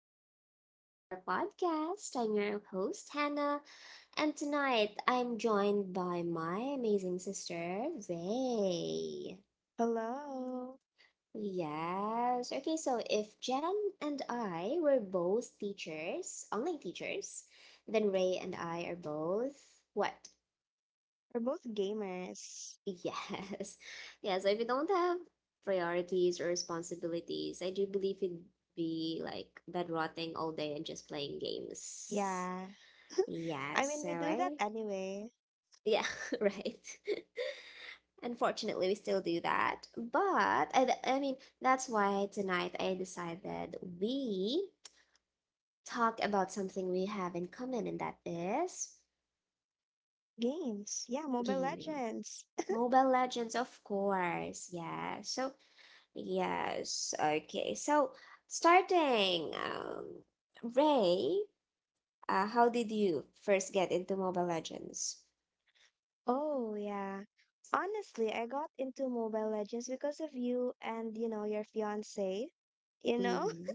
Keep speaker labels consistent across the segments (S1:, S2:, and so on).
S1: another episode of our podcast. I'm your host, Hannah, and tonight I'm joined by my amazing sister, Ray.
S2: Hello.
S1: Yes. Okay, so if Jen and I were both teachers, online teachers, then Ray and I are both what?
S2: We're both gamers.
S1: Yes. yeah. So if you don't have priorities or responsibilities, I do believe you'd be like bed rotting all day and just playing games.
S2: Yeah.
S1: Yeah,
S2: I mean,
S1: so
S2: we do that
S1: I
S2: anyway.
S1: yeah, right. Unfortunately, we still do that. But I mean, that's why tonight I decided we talk about something we have in common, and that is
S2: Games. Yeah, Mobile
S1: gaming.
S2: Legends.
S1: Mobile Legends, of course. Yeah. So yes, okay. So starting, Ray, how did you first get into Mobile Legends?
S2: Oh, yeah. Honestly, I got into Mobile Legends because of you and, your fiance, you know?
S1: Mm-hmm.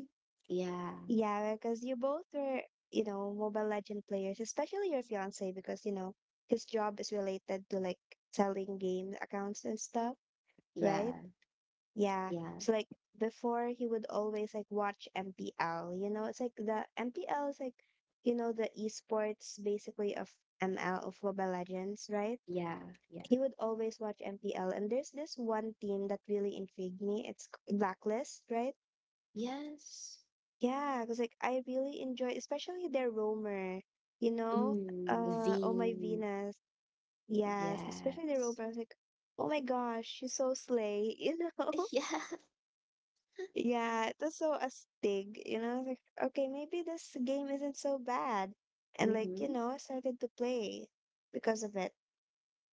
S1: Yeah,
S2: Yeah, because you both were, Mobile Legend players, especially your fiance because, his job is related to like selling game accounts and stuff,
S1: yeah,
S2: right? Yeah.
S1: yeah,
S2: So like before he would always like watch MPL, it's like the MPL is like, the esports basically of ML of Mobile Legends, right?
S1: yeah, yeah.
S2: He would always watch MPL and there's this one team that really intrigued me. It's Blacklist, right?
S1: Yes.
S2: Yeah, because like I really enjoy especially their roamer, you know?
S1: Mm,
S2: Oh My
S1: V.
S2: Venus. Yes, especially the
S1: Yes.
S2: roamer. I was like, oh my gosh, she's so slay, you know?
S1: Yeah.
S2: Yeah, it was so a stig, you know, I was like, okay, maybe this game isn't so bad. And like,
S1: Mm-hmm.
S2: I started to play because of it.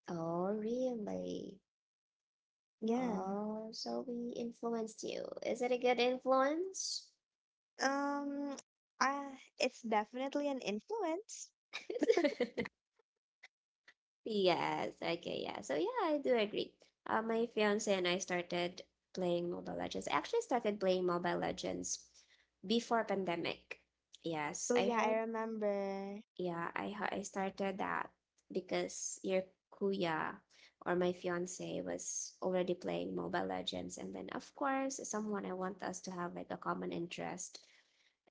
S1: Oh, really?
S2: Yeah.
S1: Oh, so we influenced you. Is it a good influence?
S2: Um, uh, it's definitely an influence.
S1: Yes, okay, yeah. So yeah, I do agree. My fiance and I started playing Mobile Legends. I actually started playing Mobile Legends before pandemic. Yes,
S2: Oh
S1: I
S2: yeah, I
S1: heard.
S2: remember.
S1: Yeah, I started that because your kuya or my fiance was already playing Mobile Legends, and then of course someone I want us to have like a common interest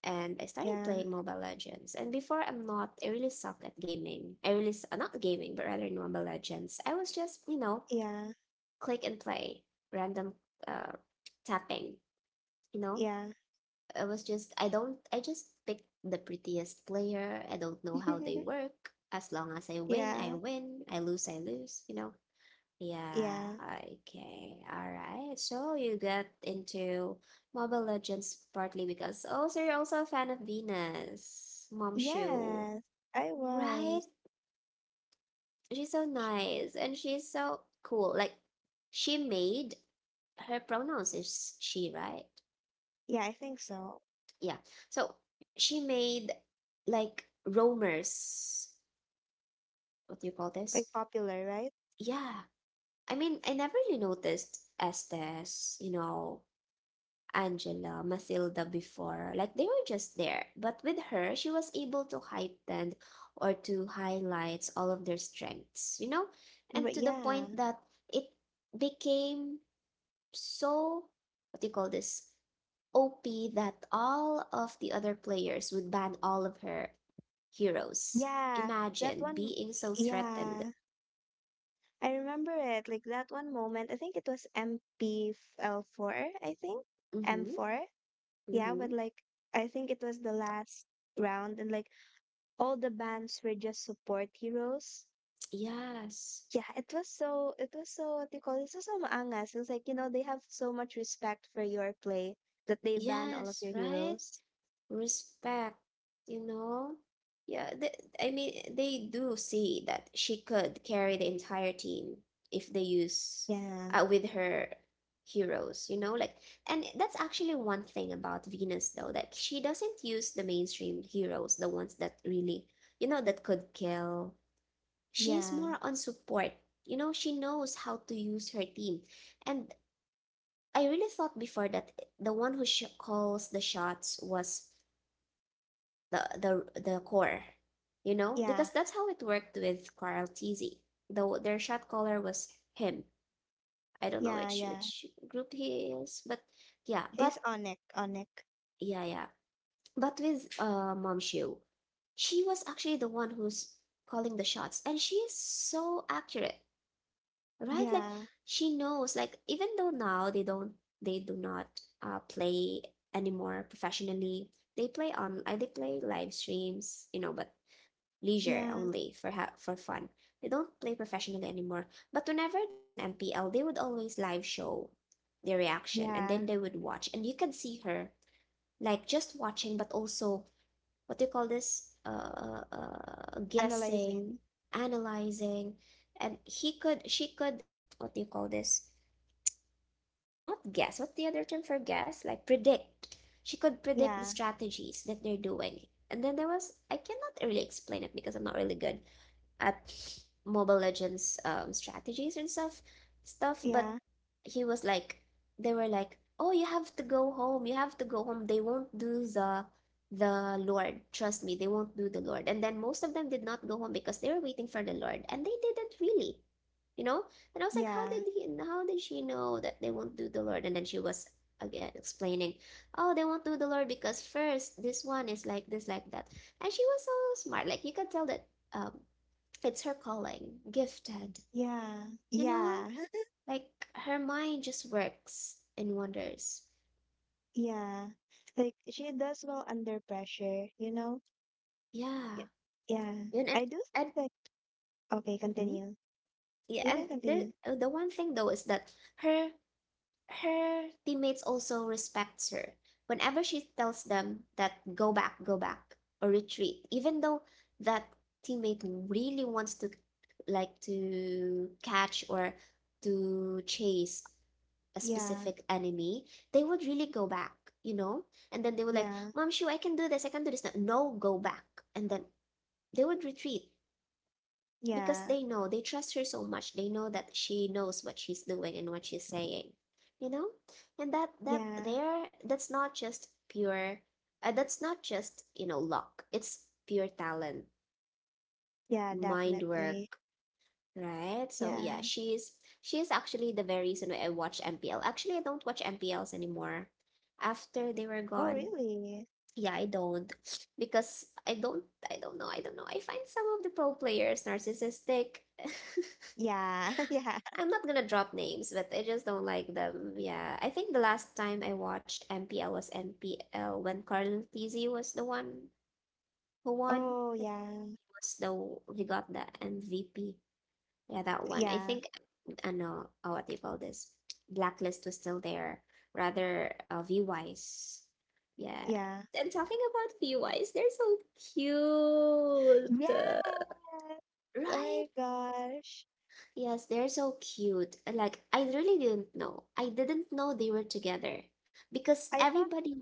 S1: and I started
S2: Yeah,
S1: playing Mobile Legends. And before, I'm not, I really suck at gaming. I really, not gaming, but rather in Mobile Legends. I was just, you know,
S2: yeah,
S1: click and play, random uh, tapping, you know?
S2: yeah.
S1: I just pick the prettiest player. I don't know how they work. As long as I win, I
S2: Yeah,
S1: win. I lose, you know? Yeah,
S2: yeah.
S1: okay. All right. So you got into Mobile Legends partly because also you're also a fan of Venus, Mom Shu,
S2: Yes, I
S1: right?
S2: was.
S1: She's so
S2: Sh-
S1: nice and she's so cool. Like she made her pronouns is she, right?
S2: Yeah, I think so.
S1: Yeah. So she made like roamers. What do you call
S2: Like
S1: this?
S2: popular, right?
S1: Yeah. I mean, I never really noticed Estes, you know, Angela, Matilda before. Like they were just there. But with her, she was able to heighten or to highlight all of their strengths, you know? And
S2: But
S1: to the
S2: yeah.
S1: point that it became so, what do you call this? OP that all of the other players would ban all of her heroes.
S2: Yeah, that
S1: Imagine
S2: one,
S1: being so threatened.
S2: yeah. I remember it like that one moment. I think it was MPL4, I think.
S1: Mm-hmm.
S2: M4. Yeah,
S1: Mm-hmm.
S2: but like I think it was the last round and like all the bands were just support heroes.
S1: Yes.
S2: Yeah, it was so what do you call this? It was so maangas. It's like, you know, they have so much respect for your play that they ban all of
S1: Yes,
S2: your
S1: right?
S2: heroes.
S1: Respect, you know? Yeah, th- I mean, they do see that she could carry the entire team if they use
S2: Yeah.
S1: with her heroes, you know? Like, and that's actually one thing about Venus, though, that she doesn't use the mainstream heroes, the ones that really, you know, that could kill. She's
S2: Yeah.
S1: more on support. You know, she knows how to use her team. And I really thought before that the one who calls the shots was the the core, you know,
S2: Yeah.
S1: because that's how it worked with Carl Teasy. Though their shot caller was him. I don't know
S2: Yeah,
S1: which
S2: yeah.
S1: which group he is, but
S2: It's Onik, Onik.
S1: yeah, yeah. But with Mom Shu, she was actually the one who's calling the shots, and she is so accurate, right? Like
S2: Yeah.
S1: she knows, like even though now they do not play anymore professionally, they play on they play live streams, you know, but leisure
S2: Yeah.
S1: only for fun. They don't play professionally anymore. But whenever there's an MPL, they would always live show their reaction and
S2: Yeah.
S1: then they would watch and you can see her like just watching but also what do you call this guessing,
S2: Analyzing.
S1: analyzing and he could she could what do you call this? Not guess. What's the other term for guess? Like predict. She could predict the
S2: Yeah.
S1: strategies that they're doing. And then there was I cannot really explain it because I'm not really good at Mobile Legends strategies and stuff, but
S2: Yeah,
S1: he was like they were like, "Oh, you have to go home. You have to go home. They won't do the Lord. Trust me, they won't do the Lord." And then most of them did not go home because they were waiting for the Lord, and they didn't really, you know. And I was like, how
S2: yeah,
S1: did she know that they won't do the Lord? And then she was again explaining, oh, they won't do the Lord because first this one is like this like that. And she was so smart, like you could tell that um it's her calling, gifted,
S2: yeah,
S1: you know,
S2: yeah,
S1: like her mind just works and wonders.
S2: yeah. Like she does well under pressure, you know?
S1: Yeah
S2: Y- Yeah.
S1: and and,
S2: I do think
S1: and
S2: that okay,
S1: mhm.
S2: continue.
S1: Yeah
S2: You
S1: and
S2: can
S1: there
S2: continue.
S1: the one thing though is that her her teammates also respect her whenever she tells them that go back or retreat, even though that teammate really wants to like to catch or to chase a
S2: Yeah,
S1: specific enemy, they would really go back, you know? And then they would like,
S2: yeah,
S1: Mom Shu, I can do this, I can do this. No, go back. And then they would retreat because
S2: yeah,
S1: they know they trust her so much, they know that she knows what she's doing and what she's saying, you know. And
S2: yeah,
S1: that's not just pure that's not just you know luck, it's pure talent,
S2: yeah,
S1: mind
S2: definitely.
S1: work, right? So yeah,
S2: Yeah.
S1: she's she is actually the very reason why I watch MPL. Actually, I don't watch MPLs anymore after they were
S2: Oh,
S1: gone.
S2: really?
S1: Yeah, because i don't I don't know, I don't know, I find some of the pro players narcissistic.
S2: Yeah, yeah.
S1: I'm not gonna drop names, but I just don't like them. Yeah, I think the last time I watched MPL was MPL when Carl Tizzy was the one who won.
S2: Oh,
S1: It
S2: yeah,
S1: was the He got the MVP. Yeah, that one. I
S2: yeah,
S1: think I know, what do you call this? Blacklist was still there. Rather, V-Wise. Yeah.
S2: yeah.
S1: And talking about V-Wise, they're so cute,
S2: Yes! Oh
S1: right?
S2: my gosh.
S1: Yes, they're so cute. Like, I really didn't know. I didn't know they were together because
S2: I thought,
S1: everybody.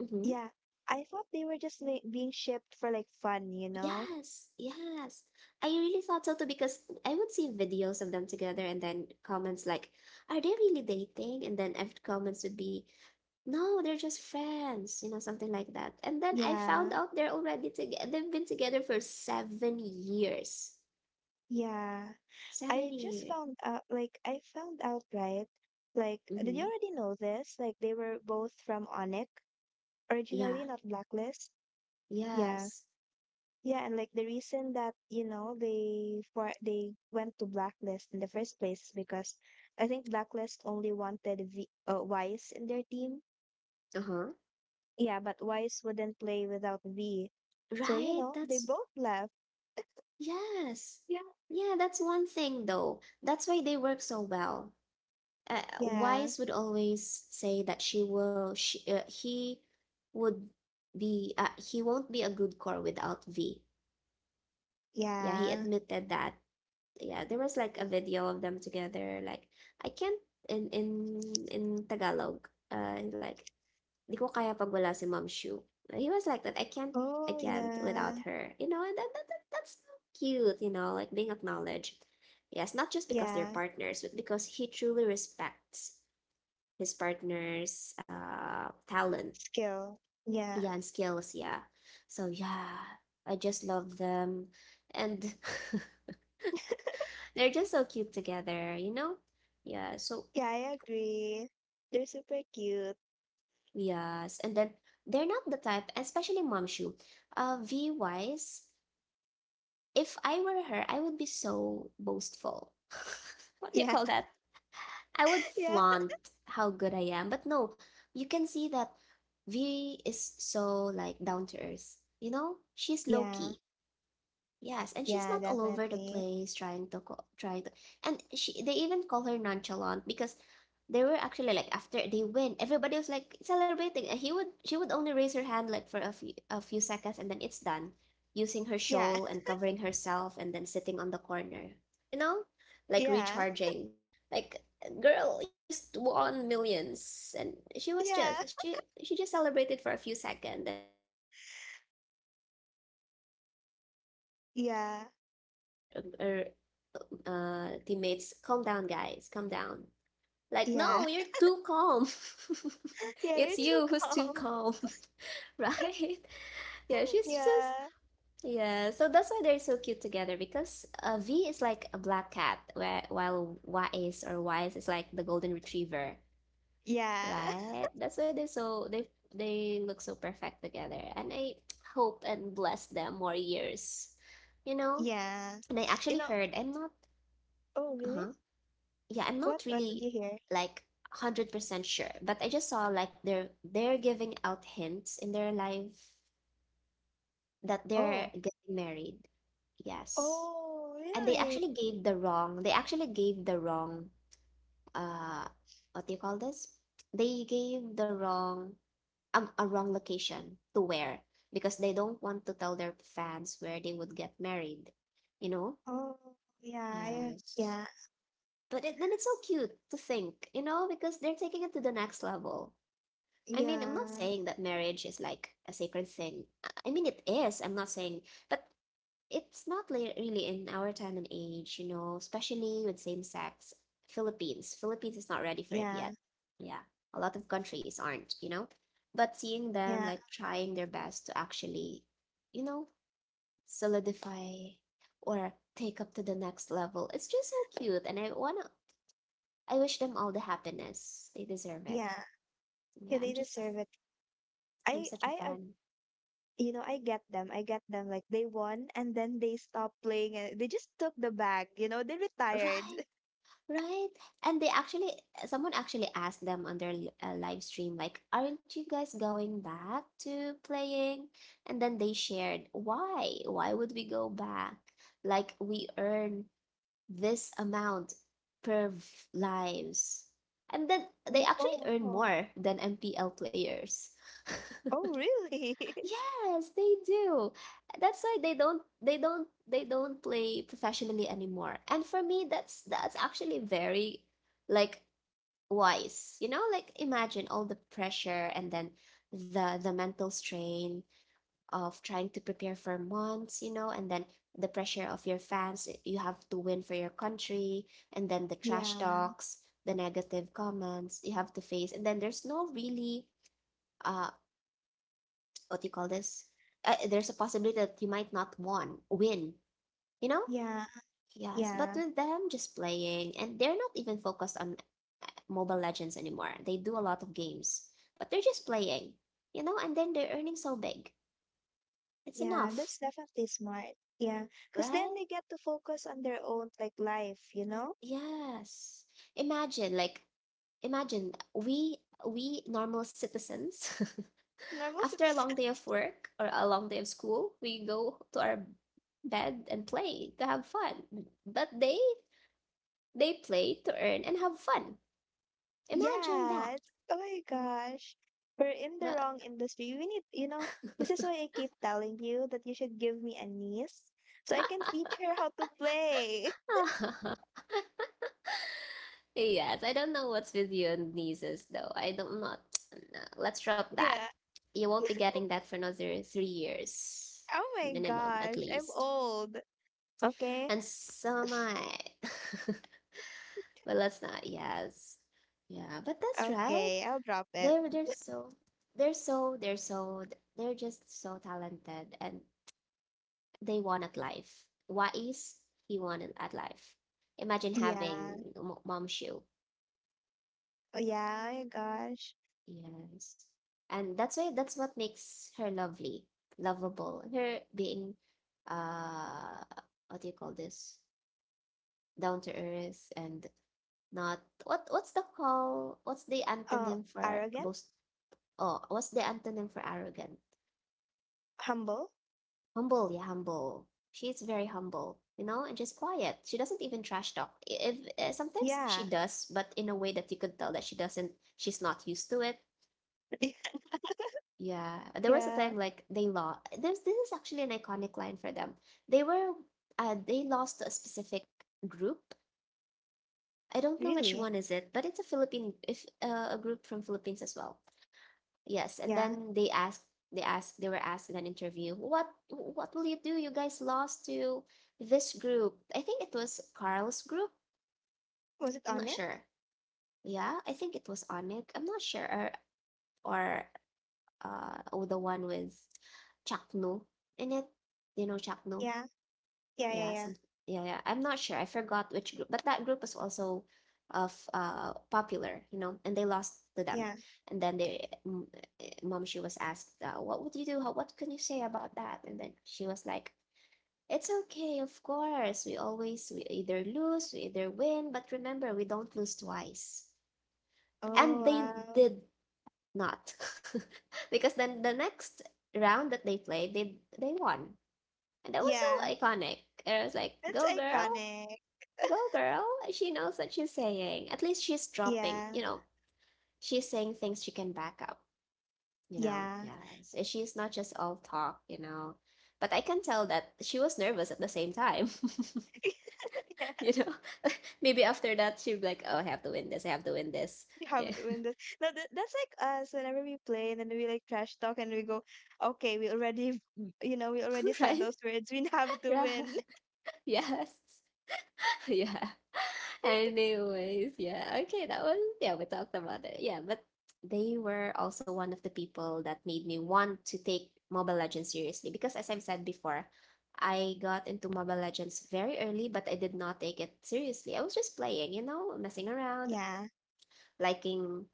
S1: Mm-hmm.
S2: yeah, I thought they were just like being shipped for like fun, you know?
S1: Yes, yes. I really thought so too because I would see videos of them together and then comments like, are they really dating? And then every comments would be, no, they're just friends, you know, something like that. And then I found
S2: Yeah,
S1: out they're already together. They've been together for 7 years.
S2: yeah.
S1: Seven
S2: I just
S1: years.
S2: found out, like, I found out, right? Like, did you
S1: Mm-hmm.
S2: already know this? Like, they were both from Onik,
S1: Yeah,
S2: originally not Blacklist. Yeah,
S1: yes.
S2: yeah, and like the reason that you know they for they went to Blacklist in the first place is because I think Blacklist only wanted V Wise in their team.
S1: Uh-huh.
S2: Yeah, but Wise wouldn't play without V, so you
S1: Right?
S2: know they
S1: That's
S2: both left.
S1: yes.
S2: Yeah.
S1: Yeah, that's one thing though. That's why they work so well.
S2: Yeah,
S1: Wise would always say that he would be he won't be a good core without V. Yeah, he
S2: yeah.
S1: admitted that. Yeah, there was like a video of them together like I can't in Tagalog. Like di ko kaya pag wala si Ma'am Shu. He was like that. I
S2: Oh,
S1: can't
S2: yeah.
S1: without her. You know, and that's so cute, you know, like being acknowledged. Yes, not just because they're
S2: Yeah,
S1: partners, but because he truly respects his partner's talent,
S2: skill. Yeah.
S1: yeah, and skills, yeah. So yeah, I just love them, and they're just so cute together, you know. Yeah. So
S2: Yeah, I agree. They're super cute.
S1: yes, and then they're not the type, especially Mom Shu. V wise, if I were her, I would be so boastful. What do you
S2: Yeah.
S1: call that? I would
S2: Yeah.
S1: flaunt how good I am. But no, you can see that V is so like down to earth. You know, she's low
S2: Yeah.
S1: key. Yes, and she's
S2: Yeah,
S1: not all over the
S2: definitely.
S1: place try to, and she they even call her nonchalant because they were actually like after they win, everybody was like celebrating and he would she would only raise her hand like for a few seconds and then it's done, using her
S2: Yeah.
S1: shawl and covering herself and then sitting on the corner. You know? Like
S2: Yeah.
S1: recharging. Like girl, you just won millions and
S2: Yeah.
S1: she just celebrated for a few seconds and then wrapped herself in her shawl and then sit down, and then she would
S2: Yeah.
S1: tell her, her teammates, "Calm down, guys, calm down." Like,
S2: Yeah.
S1: no, you're too calm.
S2: Yeah, you're
S1: It's
S2: too
S1: you who's too
S2: calm.
S1: calm, right? Yeah, she's just
S2: Yeah.
S1: yeah. So that's why they're so cute together because V is like a black cat, where while Wise is like the golden retriever,
S2: Yeah.
S1: right? That's why they look so perfect together, and I hope and bless them more years, you know.
S2: Yeah.
S1: And I
S2: You
S1: actually
S2: know,
S1: heard I'm not
S2: oh, really?
S1: uh-huh. Yeah, I'm
S2: What
S1: not
S2: what did
S1: really
S2: you hear?
S1: like 100% sure, but I just saw like they're giving out hints in their life that
S2: Oh.
S1: they're getting married. Yes.
S2: Oh,
S1: And
S2: really?
S1: they actually gave the wrong uh what do you call this? They gave the wrong a wrong location to where, because they don't want to tell their fans where they would get married, you know?
S2: Oh, yeah. I,
S1: Yes.
S2: yeah.
S1: But then it's so cute to think, you know, because they're taking it to the next level. I mean, I'm not
S2: Yeah.
S1: saying that marriage is like a sacred thing. I mean, it is. I'm not saying, but it's not really in our time and age, you know, especially with same sex. Philippines is not ready for it
S2: Yeah.
S1: yet. Yeah, a lot of countries aren't, you know. But seeing them
S2: Yeah.
S1: like trying their best to actually, you know, solidify or take up to the next level. It's just so cute, and I wish them all the happiness. They deserve it.
S2: Yeah.
S1: Yeah,
S2: Yeah, they
S1: I'm just a,
S2: deserve it.
S1: I'm such a
S2: I
S1: fan.
S2: You know, I get them. I get them. Like they won and then they stopped playing and they just took the bag, you know, they retired.
S1: Right, right. And they actually, someone actually asked them on their live stream, like, aren't you guys going back to playing? And then they shared, why? Why would we go back? Like, we earn this amount per lives. And then they
S2: Oh,
S1: actually
S2: oh,
S1: earn
S2: oh.
S1: more than MPL players.
S2: Oh, really?
S1: Yes, they do. That's why they don't play professionally anymore. And for me that's actually very like wise. You know, like imagine all the pressure, and then the mental strain of trying to prepare for months, you know, and then the pressure of your fans, eh, you have to win for your country, and then the trash
S2: Yeah,
S1: talks, the negative comments you have to face. And then there's no really uh what do you call this? There's a possibility that you might not win, you know?
S2: yeah,
S1: Yes, but
S2: yeah,
S1: with them just playing, and they're not even focused on Mobile Legends anymore. They do a lot of games, but they're just playing, you know? And then they're earning so big. It's
S2: yeah. That's
S1: enough,
S2: definitely smart. Yeah, because then
S1: right?
S2: they get to focus on their own like life, you know?
S1: Yes. Imagine, like, imagine we normal citizens
S2: Normal
S1: after a long
S2: citizen.
S1: day of work or a long day of school, we go to our bed and play to have fun. But they play to earn and have fun. Imagine
S2: Yeah.
S1: that.
S2: Oh my gosh. We're in the wrong industry. We need, you know, this is why I keep telling you that you should give me a niece so I can teach her how to play.
S1: The- Yes, I don't know what's with you and nieces though. I don't not. No, let's drop that.
S2: Yeah.
S1: You won't be getting that for another 3 years
S2: Oh my
S1: minimum, at
S2: gosh, I'm
S1: least.
S2: old. Okay,
S1: And so am I. But let's not. Yes, yeah. But that's right.
S2: okay, I'll drop it.
S1: They're they're so they're they're just so talented, and they want at life. What is he wanted at life? Imagine
S2: Yeah,
S1: having mom shoe.
S2: oh yeah, oh my gosh.
S1: Yes. And that's why that's what makes her lovely, lovable. Her being uh what do you call this? down to earth, and not what's the call? What's the
S2: Uh,
S1: antonym for
S2: Arrogant?
S1: boast? Oh, what's the antonym for arrogant?
S2: Humble?
S1: Humble, she's very humble, you know, and just quiet. She doesn't even trash talk. If sometimes
S2: Yeah,
S1: she does, but in a way that you could tell that she's not used to it. Yeah, there was a time
S2: yeah,
S1: like they lost. This is actually an iconic line for them. they were they lost to a specific group. I don't know which
S2: really?
S1: one is it, but it's a philippine if a group from Philippines as well. Yes, and
S2: Yeah.
S1: then they were asked in an interview, what will you do? You guys lost to this group." I think it was Carl's group.
S2: Was it
S1: I'm not
S2: Onik?
S1: sure. Yeah, I think it was Onik. I'm not sure, or oh, the one with Chakno in it. You know Chakno?
S2: Yeah, yeah, yeah,
S1: Yeah,
S2: yeah,
S1: some yeah. I'm not sure. I forgot which group, but that group was also of popular, you know, and they lost to them.
S2: yeah.
S1: And then mom, she was asked, what would you do? How what can you say about that? And then she was like, it's okay, of course. We always we either win, but remember, we don't lose twice.
S2: Oh,
S1: And they
S2: wow.
S1: did not. Because then the next round that they played, they won. And that was so
S2: Yeah,
S1: iconic. And I was like,
S2: that's
S1: go girl.
S2: iconic.
S1: Go, girl. She knows what she's saying. At least she's dropping,
S2: Yeah,
S1: you know, she's saying things she can back up, you know.
S2: yeah.
S1: Yes. And she's not just all talk, you know. But I can tell that she was nervous at the same time. You know, maybe after that she'd be like, oh, I have to win this.
S2: we have
S1: Yeah.
S2: to win this. No, that's like us whenever we play and then we like trash talk and we go, okay, we already, you know, we already said
S1: Right?
S2: those words. We have to
S1: Right.
S2: win.
S1: Yes. Yeah. Anyways, yeah. Okay, that was yeah, we talked about it. Yeah, but they were also one of the people that made me want to take Mobile Legends seriously, because as I've said before, I got into Mobile Legends very early, but I did not take it seriously. I was just playing, you know, messing around,
S2: Yeah,
S1: liking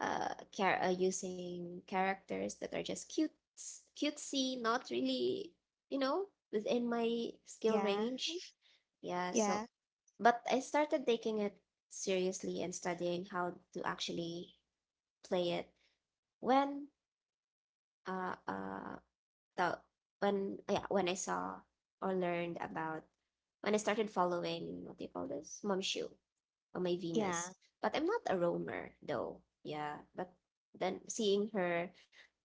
S1: using characters that are just cutesy, not really, you know, within my skill
S2: yeah,
S1: range. Yeah, so
S2: yeah,
S1: but I started taking it seriously and studying how to actually play it when uh uh the when yeah, when I saw or learned about, when I started following, what do you call this, momshu, on My
S2: yeah,
S1: Venus. But I'm not a roamer though. Yeah. But then seeing her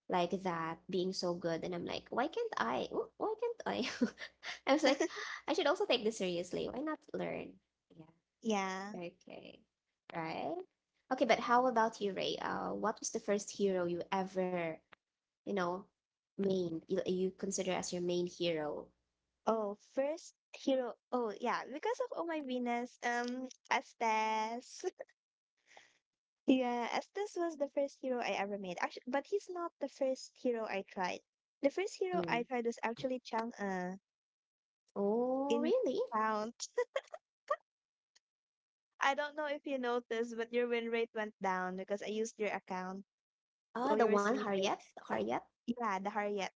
S1: like that, being so good, and I'm like, why can't I? Why can't I? I was like, I should also take this seriously. Why not learn? Yeah.
S2: yeah.
S1: Okay. Right. Okay, but how about you, Ray? What was the first hero you ever, you know, main, you consider as your main hero?
S2: Oh, first hero. Oh, yeah, because of Oh My Venus, Estes. Yeah, Estes was the first hero I ever made. Actually, but he's not the first hero I tried. The first hero I
S1: Mm.
S2: tried was actually Chang'e
S1: Oh,
S2: in
S1: really?
S2: Found. I don't know if you noticed, but your win rate went down because I used your account
S1: Ah,
S2: while
S1: the
S2: you were
S1: one
S2: sleeping.
S1: Harriet? Harriet?
S2: Yeah, the Harriet.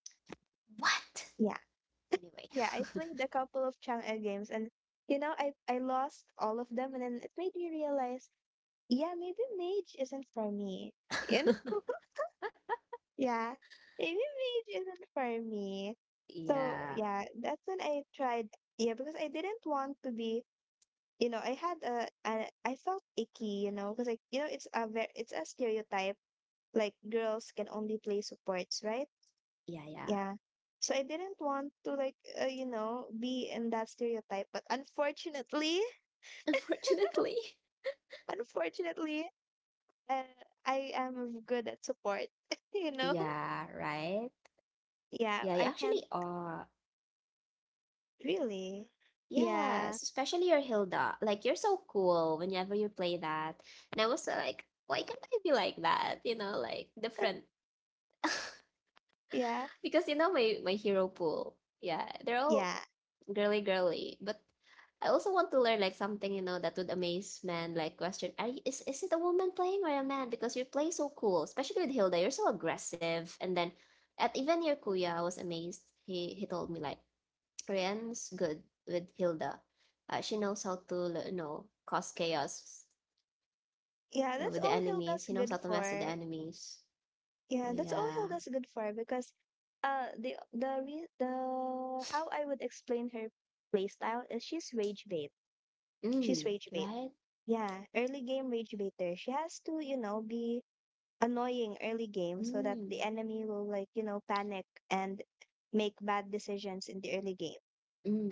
S1: What?
S2: Yeah.
S1: Anyway.
S2: Yeah, I played a couple of Chang'e games and you know, I lost all of them and then it made me realize, yeah, maybe mage isn't for me. You know? Yeah. Maybe mage isn't for me. So,
S1: Yeah.
S2: yeah, that's when I tried yeah, because I didn't want to be you know, I had a I felt icky, you know, because I, you know, it's a very, it's a stereotype like girls can only play supports, right?
S1: Yeah, yeah.
S2: Yeah. So I didn't want to like you know be in that stereotype, but unfortunately,
S1: Unfortunately.
S2: unfortunately, uh, I am good at support. You know,
S1: Yeah, right?
S2: yeah,
S1: Yeah, you
S2: I can
S1: actually are.
S2: really, yeah,
S1: Yes, especially your Hilda. Like, you're so cool whenever you play that. And I was like, why can't I be like that? You know, like different.
S2: yeah,
S1: Because you know my hero pool. Yeah, they're all
S2: yeah,
S1: girly girly, but I also want to learn like something, you know, that would amaze men, like, question, is it a woman playing or a man, because you play so cool, especially with Hilda. You're so aggressive, and then at even your kuya, I was amazed. He told me like Korean's good with Hilda. She knows how to, you know, cause chaos
S2: yeah. That's
S1: with the
S2: all
S1: enemies.
S2: Hilda's
S1: She knows
S2: good
S1: how to mess with the
S2: for.
S1: enemies.
S2: Yeah, that's all
S1: Yeah.
S2: Hilda's good for because, the the how I would explain her playstyle is she's rage bait.
S1: Mm,
S2: She's rage bait.
S1: right.
S2: Yeah, early game rage baiter. She has to, you know, be annoying early game so that
S1: Mm,
S2: the enemy will like, you know, panic and make bad decisions in the early game.
S1: mm,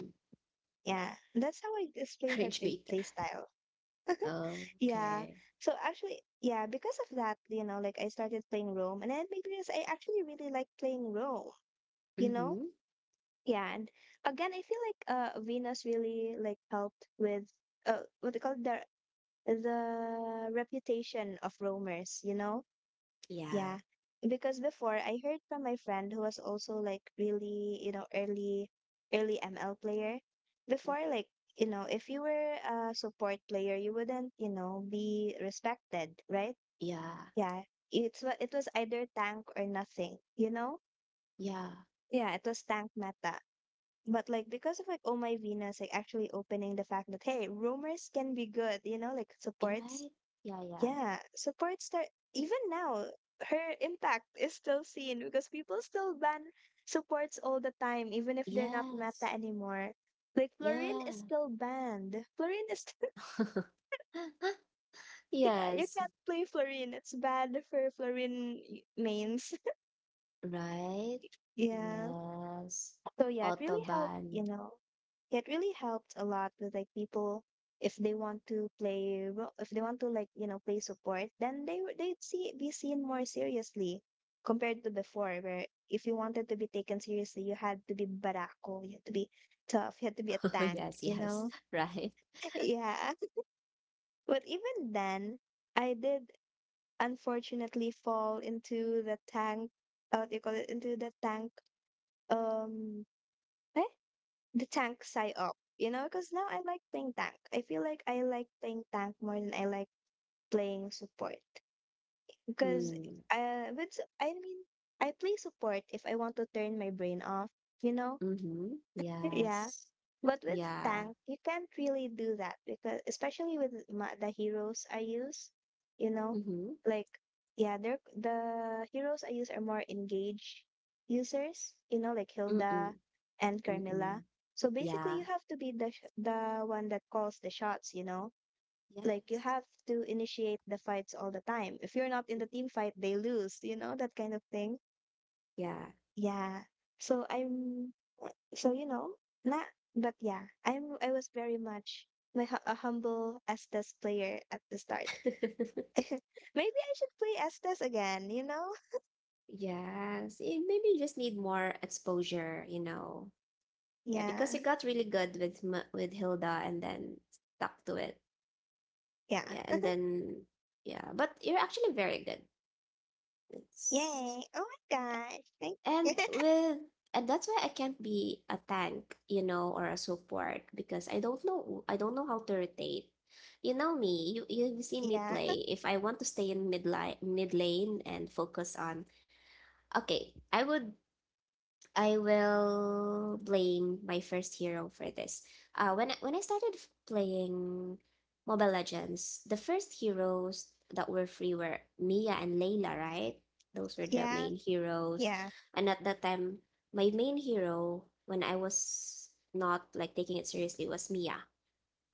S1: yeah.
S2: Yeah, that's how I explain her
S1: Rage bait.
S2: play style. Yeah.
S1: Okay.
S2: So actually, yeah, because of that, you know, like I started playing Rome and then because I actually really like playing Rome, you know?
S1: Mm-hmm.
S2: Yeah, and again, I feel like Venus really like helped with what they call it, the reputation of roamers, you know? Yeah,
S1: Yeah,
S2: because before I heard from my friend who was also like really, you know, early ML player. Before like, you know, if you were a support player, you wouldn't, you know, be respected, right?
S1: yeah,
S2: Yeah. It was either tank or nothing, you know?
S1: yeah.
S2: Yeah, it was tank meta. But like because of like Oh My Venus, like actually opening the fact that hey, rumors can be good, you know, like
S1: You
S2: supports
S1: right? Yeah, yeah.
S2: yeah, support star. Even now, her impact is still seen because people still ban supports all the time, even if they're not meta
S1: Yes,
S2: anymore. Like Florine
S1: yeah.
S2: is still banned. Florine is yeah, you
S1: Yes,
S2: can't play Florine. It's bad for Florine mains.
S1: right?
S2: yeah.
S1: Yes.
S2: So yeah, it really helped,
S1: Autobahn.
S2: you know, it really helped a lot with like people if they want to play if they want to like you know play support then they'd see be seen more seriously compared to before where if you wanted to be taken seriously you had to be barako you had to be tough you had to be a tank
S1: Yes,
S2: you
S1: yes,
S2: know
S1: right?
S2: yeah but even then I did unfortunately fall into the tank what do you call it into the tank um I the tank side up, you know, because now I like playing tank. I feel like I like playing tank more than I like playing support because
S1: Mm.
S2: with I mean, I play support if I want to turn my brain off, you know.
S1: Mm-hmm.
S2: Yeah,
S1: Yes.
S2: but with
S1: Yeah.
S2: tank, you can't really do that because, especially with the heroes I use, you know,
S1: Mm-hmm.
S2: like yeah, they're the heroes I use are more engaged users, you know, like Hilda
S1: Mm-mm.
S2: and Carmilla.
S1: Mm-mm.
S2: So basically,
S1: Yeah.
S2: you have to be the one that calls the shots, you know, like you
S1: Yes.
S2: have to initiate the fights all the time. If you're not in the team fight, they lose, you know, that kind of thing.
S1: Yeah.
S2: Yeah. So I'm so you know, not but yeah, I was very much my a humble Estes player at the start. Maybe I should play Estes again, you know?
S1: Yes, it maybe you just need more exposure, you know. Yeah, because
S2: Yeah.
S1: it got really good with with Hilda and then stuck to it.
S2: Yeah.
S1: Yeah, and then yeah, but you're actually very good. It's
S2: Yay. Oh my gosh. Thank
S1: and with and that's why I can't be a tank, you know, or a support because I don't know how to rotate. You know me, you've seen me
S2: yeah.
S1: play. If I want to stay in mid lane and focus on, okay, I will blame my first hero for this. When when I started playing Mobile Legends, the first heroes that were free were Mia and Layla, right? Those were the
S2: Yeah.
S1: main heroes.
S2: Yeah.
S1: And at that time, my main hero, when I was not like taking it seriously, was Mia.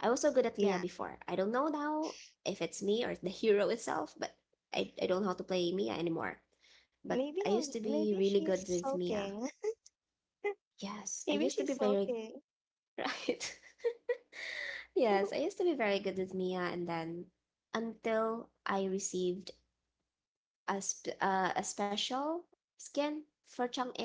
S1: I was so good at Mia
S2: Yeah.
S1: before. I don't know now if it's me or the hero itself, but I don't know how to play Mia anymore. But
S2: Maybe
S1: I used
S2: no
S1: to be
S2: Maybe
S1: really
S2: she's
S1: good with Mia.
S2: sulking.
S1: Yes, I
S2: Maybe
S1: used to
S2: she's
S1: be very
S2: sulking.
S1: right. Yes, I used to be very good with Mia, and then, until I received a special skin for Chang'e,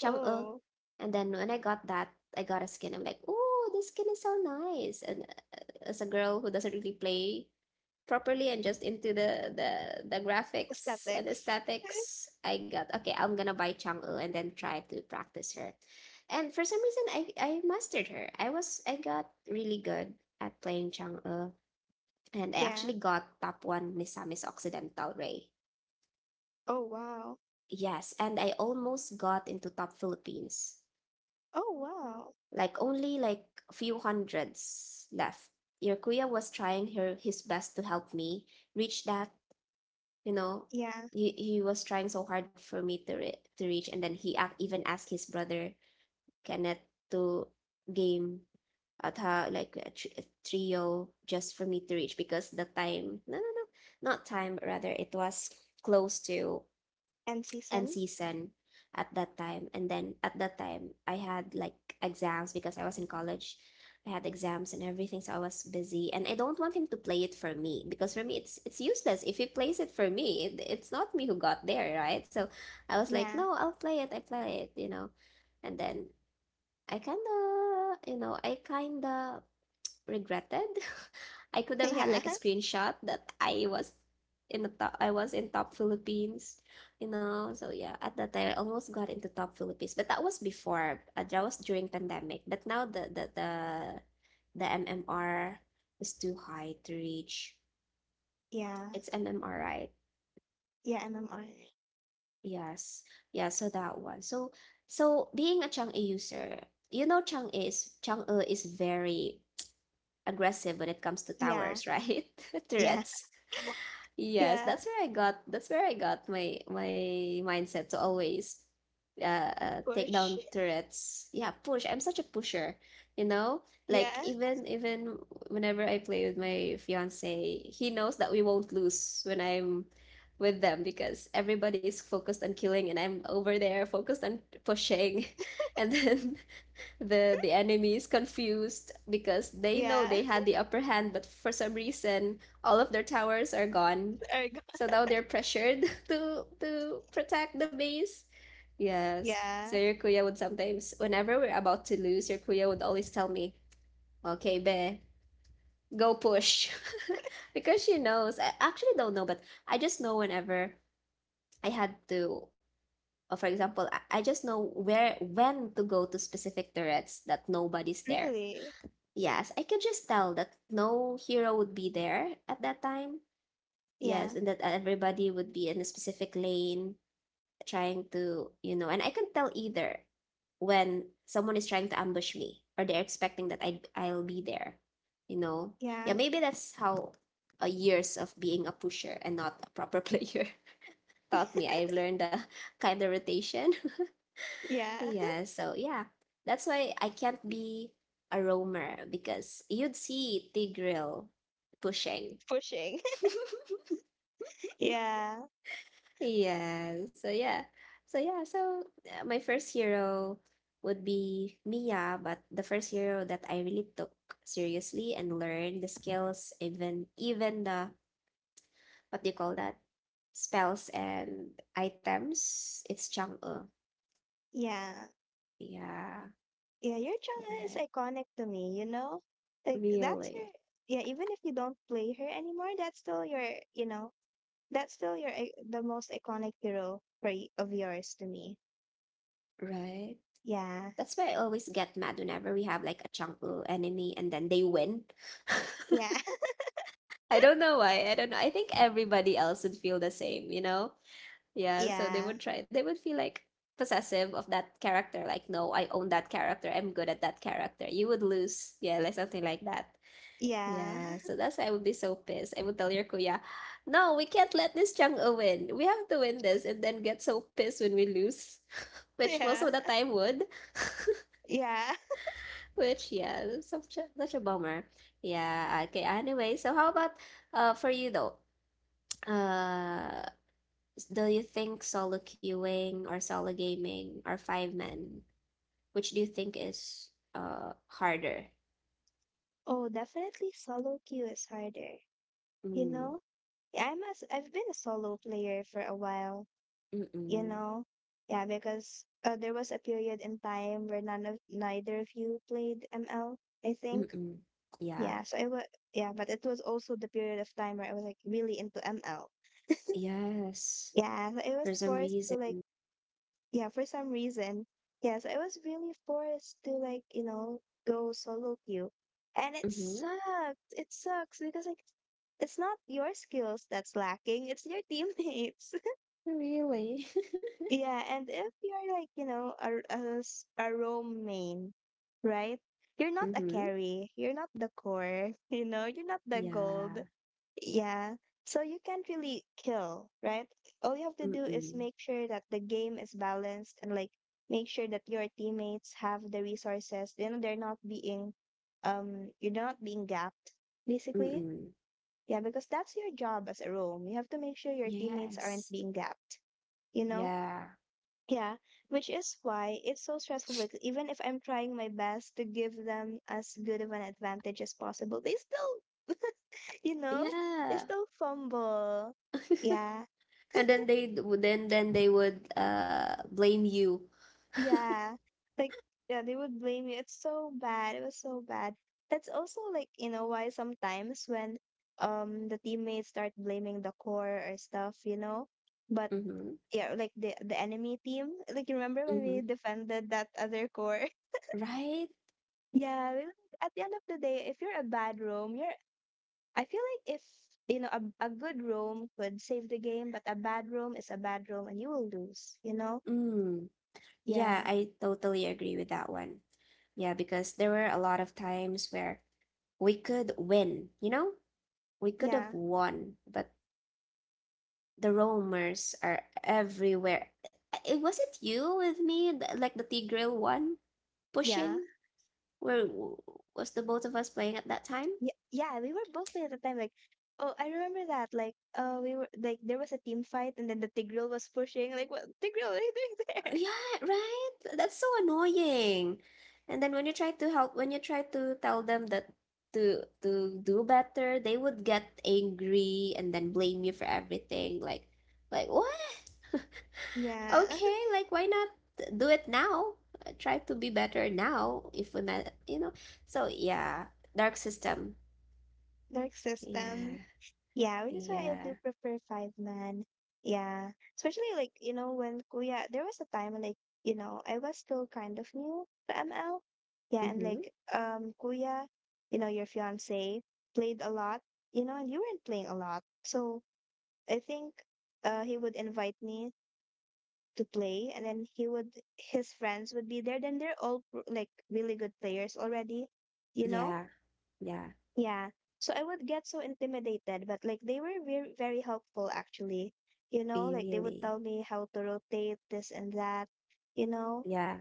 S1: Chang'e,
S2: oh,
S1: and then when I got that, I got a skin. I'm like, oh, this skin is so nice. And uh, as a girl who doesn't really play properly and just into the graphics and
S2: aesthetics.
S1: aesthetics, I got, okay, I'm gonna buy Chang'e and then try to practice her. And for some reason, I mastered her. I got really good at playing Chang'e. And I
S2: yeah.
S1: actually got top one Misamis Occidental, Ray.
S2: Oh wow.
S1: Yes, and I almost got into top Philippines,
S2: Oh wow.
S1: like only like a few hundreds left. Your kuya was trying her his best to help me reach that, you know.
S2: Yeah.
S1: He was trying so hard for me to to reach. And then he even asked his brother Kenneth to game at her like a, a trio, just for me to reach because the time, no no no not time rather it was close to
S2: End
S1: and
S2: season.
S1: season at that time. And then at that time, I had like exams because I was in college. I had exams and everything, so I was busy. And I don't want him to play it for me because for me, it's useless. If he plays it for me, it's not me who got there, right? So I was like,
S2: Yeah.
S1: no, I'll play it. I play it. And then I kind of, I kind of regretted. I could have had
S2: Yeah.
S1: like a screenshot that I was in the top, I was in top Philippines, So yeah, at that time I almost got into top Philippines, but that was before. That was during pandemic. But now the MMR is too high to reach.
S2: Yeah.
S1: It's MMR, right?
S2: Yeah, MMR.
S1: Yes. Yeah, so that one. So so being a Chang'e user, you know Chang'e is very aggressive when it comes to
S2: Yeah.
S1: towers, right?
S2: Yeah.
S1: Turrets. Yes,
S2: Yeah.
S1: that's where I got my mindset to always take
S2: Push.
S1: down turrets. Yeah, push. I'm such a pusher, you know?
S2: Yeah.
S1: Like even whenever I play with my fiance, he knows that we won't lose when I'm with them because everybody is focused on killing and I'm over there focused on pushing. And then the enemy is confused because they know
S2: Yeah.
S1: they had the upper hand, but for some reason all of their towers are gone.
S2: Ergo.
S1: So now they're pressured to protect the base. Yes. So
S2: Yeah.
S1: your kuya would sometimes, whenever we're about to lose, your kuya would always tell me, "Okay, be, go push," because she knows. I actually don't know, but I just know whenever I had to. For example, I just know where when to go to specific turrets that nobody's there.
S2: Really?
S1: Yes, I could just tell that no hero would be there at that time.
S2: Yeah.
S1: Yes, and that everybody would be in a specific lane trying to, you know, and I can tell either when someone is trying to ambush me or they're expecting that I'll be there, you know. Yeah,
S2: Yeah.
S1: maybe that's how years of being a pusher and not a proper player taught me. I've learned a kind of rotation.
S2: Yeah.
S1: Yeah, so yeah. That's why I can't be a roamer because you'd see Tigreal pushing.
S2: Pushing. Yeah.
S1: Yeah. So yeah. So yeah. So my first hero would be Mia, but the first hero that I really took seriously and learned the skills, even the what do you call that? Spells and items. It's Chang'e.
S2: Yeah.
S1: Yeah.
S2: Yeah. Your channel is
S1: Right.
S2: iconic to me, you know? Like, that's your,
S1: Really.
S2: yeah, even if you don't play her anymore, that's still your, you know, that's still your, the most iconic hero for, of yours to me.
S1: Right.
S2: Yeah.
S1: That's why I always get mad whenever we have like a Chang'e enemy and then they win.
S2: Yeah.
S1: I don't know why. I don't know. I think everybody else would feel the same, you know? Yeah, so they
S2: Yeah.
S1: would try, they would feel like possessive of that character. Like, no, I own that character. I'm good at that character. You would lose. Yeah, like something like that.
S2: Yeah.
S1: Yeah, so that's why I would be so pissed. I would tell your kuya, no, we can't let this Chang'e win. We have to win this and then get so pissed when we lose, which most of the
S2: Yeah.
S1: time would.
S2: Yeah.
S1: Which, yeah, that's such a, such a bummer. Yeah, okay. Anyway, so how about for you though? Uh, do you think solo queuing or solo gaming or five men, which do you think is harder?
S2: Oh, definitely solo queue is harder. You
S1: Mm,
S2: know, I've been a solo player for a while, you
S1: mm-mm,
S2: know. Yeah, because there was a period in time where none of neither of you played ML, I think.
S1: mm-mm. Yeah.
S2: Yeah, so it was yeah, but it was also the period of time where I was like really into ML.
S1: Yes.
S2: Yeah, so I was
S1: For some
S2: forced to
S1: reason.
S2: like yeah, for some reason, yes, I was really forced to like, go solo queue. And it
S1: Mm-hmm.
S2: sucks. It sucks because like it's not your skills that's lacking, it's your teammates.
S1: Really?
S2: Yeah, and if you're like, you know, a roam main, right? You're not a
S1: Mm-hmm.
S2: carry, you're not the core, you know, you're not the gold.
S1: Yeah.
S2: Yeah. So you can't really kill, right? All you have to do is
S1: Mm-mm.
S2: make sure that the game is balanced and like make sure that your teammates have the resources. You know, they're not being you're not being gapped, basically.
S1: Mm-mm.
S2: Yeah, because that's your job as a roam. You have to make sure your teammates aren't
S1: Yes.
S2: being gapped, you know?
S1: Yeah.
S2: Yeah, which is why it's so stressful because even if I'm trying my best to give them as good of an advantage as possible, they still You know, it's
S1: Yeah.
S2: still fumble. Yeah,
S1: and then then they would blame you.
S2: yeah. Like, yeah, they would blame you. It's so bad. It was so bad. That's also like, you know, why sometimes when the teammates start blaming the core or stuff, you know. But
S1: Mm-hmm.
S2: yeah, like the enemy team, like you remember when
S1: Mm-hmm.
S2: we defended that other core?
S1: Right?
S2: Yeah, we, at the end of the day, if you're a bad roam, you're I feel like if you know a good roam could save the game, but a bad roam is a bad roam and you will lose, you know?
S1: Mm. Yeah,
S2: Yeah,
S1: I totally agree with that one. Yeah, because there were a lot of times where we could win, you know? We could have
S2: yeah,
S1: won, but the roamers are everywhere. It wasn't you with me, like the Tigreal one
S2: yeah,
S1: pushing? Where w- was the both of us playing at that time?
S2: yeah, yeah. We were both playing at the time. Like, oh, I remember that. Like, we were like there was a team fight, and then the Tigreal was pushing. Like, what Tigreal? What are you doing there?
S1: Yeah, right? That's so annoying. And then when you try to help, when you try to tell them that to do better, they would get angry and then blame you for everything. Like what?
S2: Yeah,
S1: Okay, like why not do it now? Try to be better now if we met, you know. So yeah, dark system.
S2: dark system.
S1: Yeah,
S2: Yeah, which is why I
S1: yeah.
S2: do prefer five man. Yeah, especially like you know when Kuya. There was a time like you know I was still kind of new to ML. Yeah, and
S1: Mm-hmm.
S2: like Kuya, you know your fiance played a lot. You know, and you weren't playing a lot, so I think he would invite me to play, and then he would his friends would be there. Then they're all like really good players already, you know?
S1: Yeah, yeah.
S2: Yeah. So I would get so intimidated, but like they were very very helpful actually. You know,
S1: Be
S2: like they would
S1: really.
S2: tell me how to rotate this and that. You know,
S1: Yeah.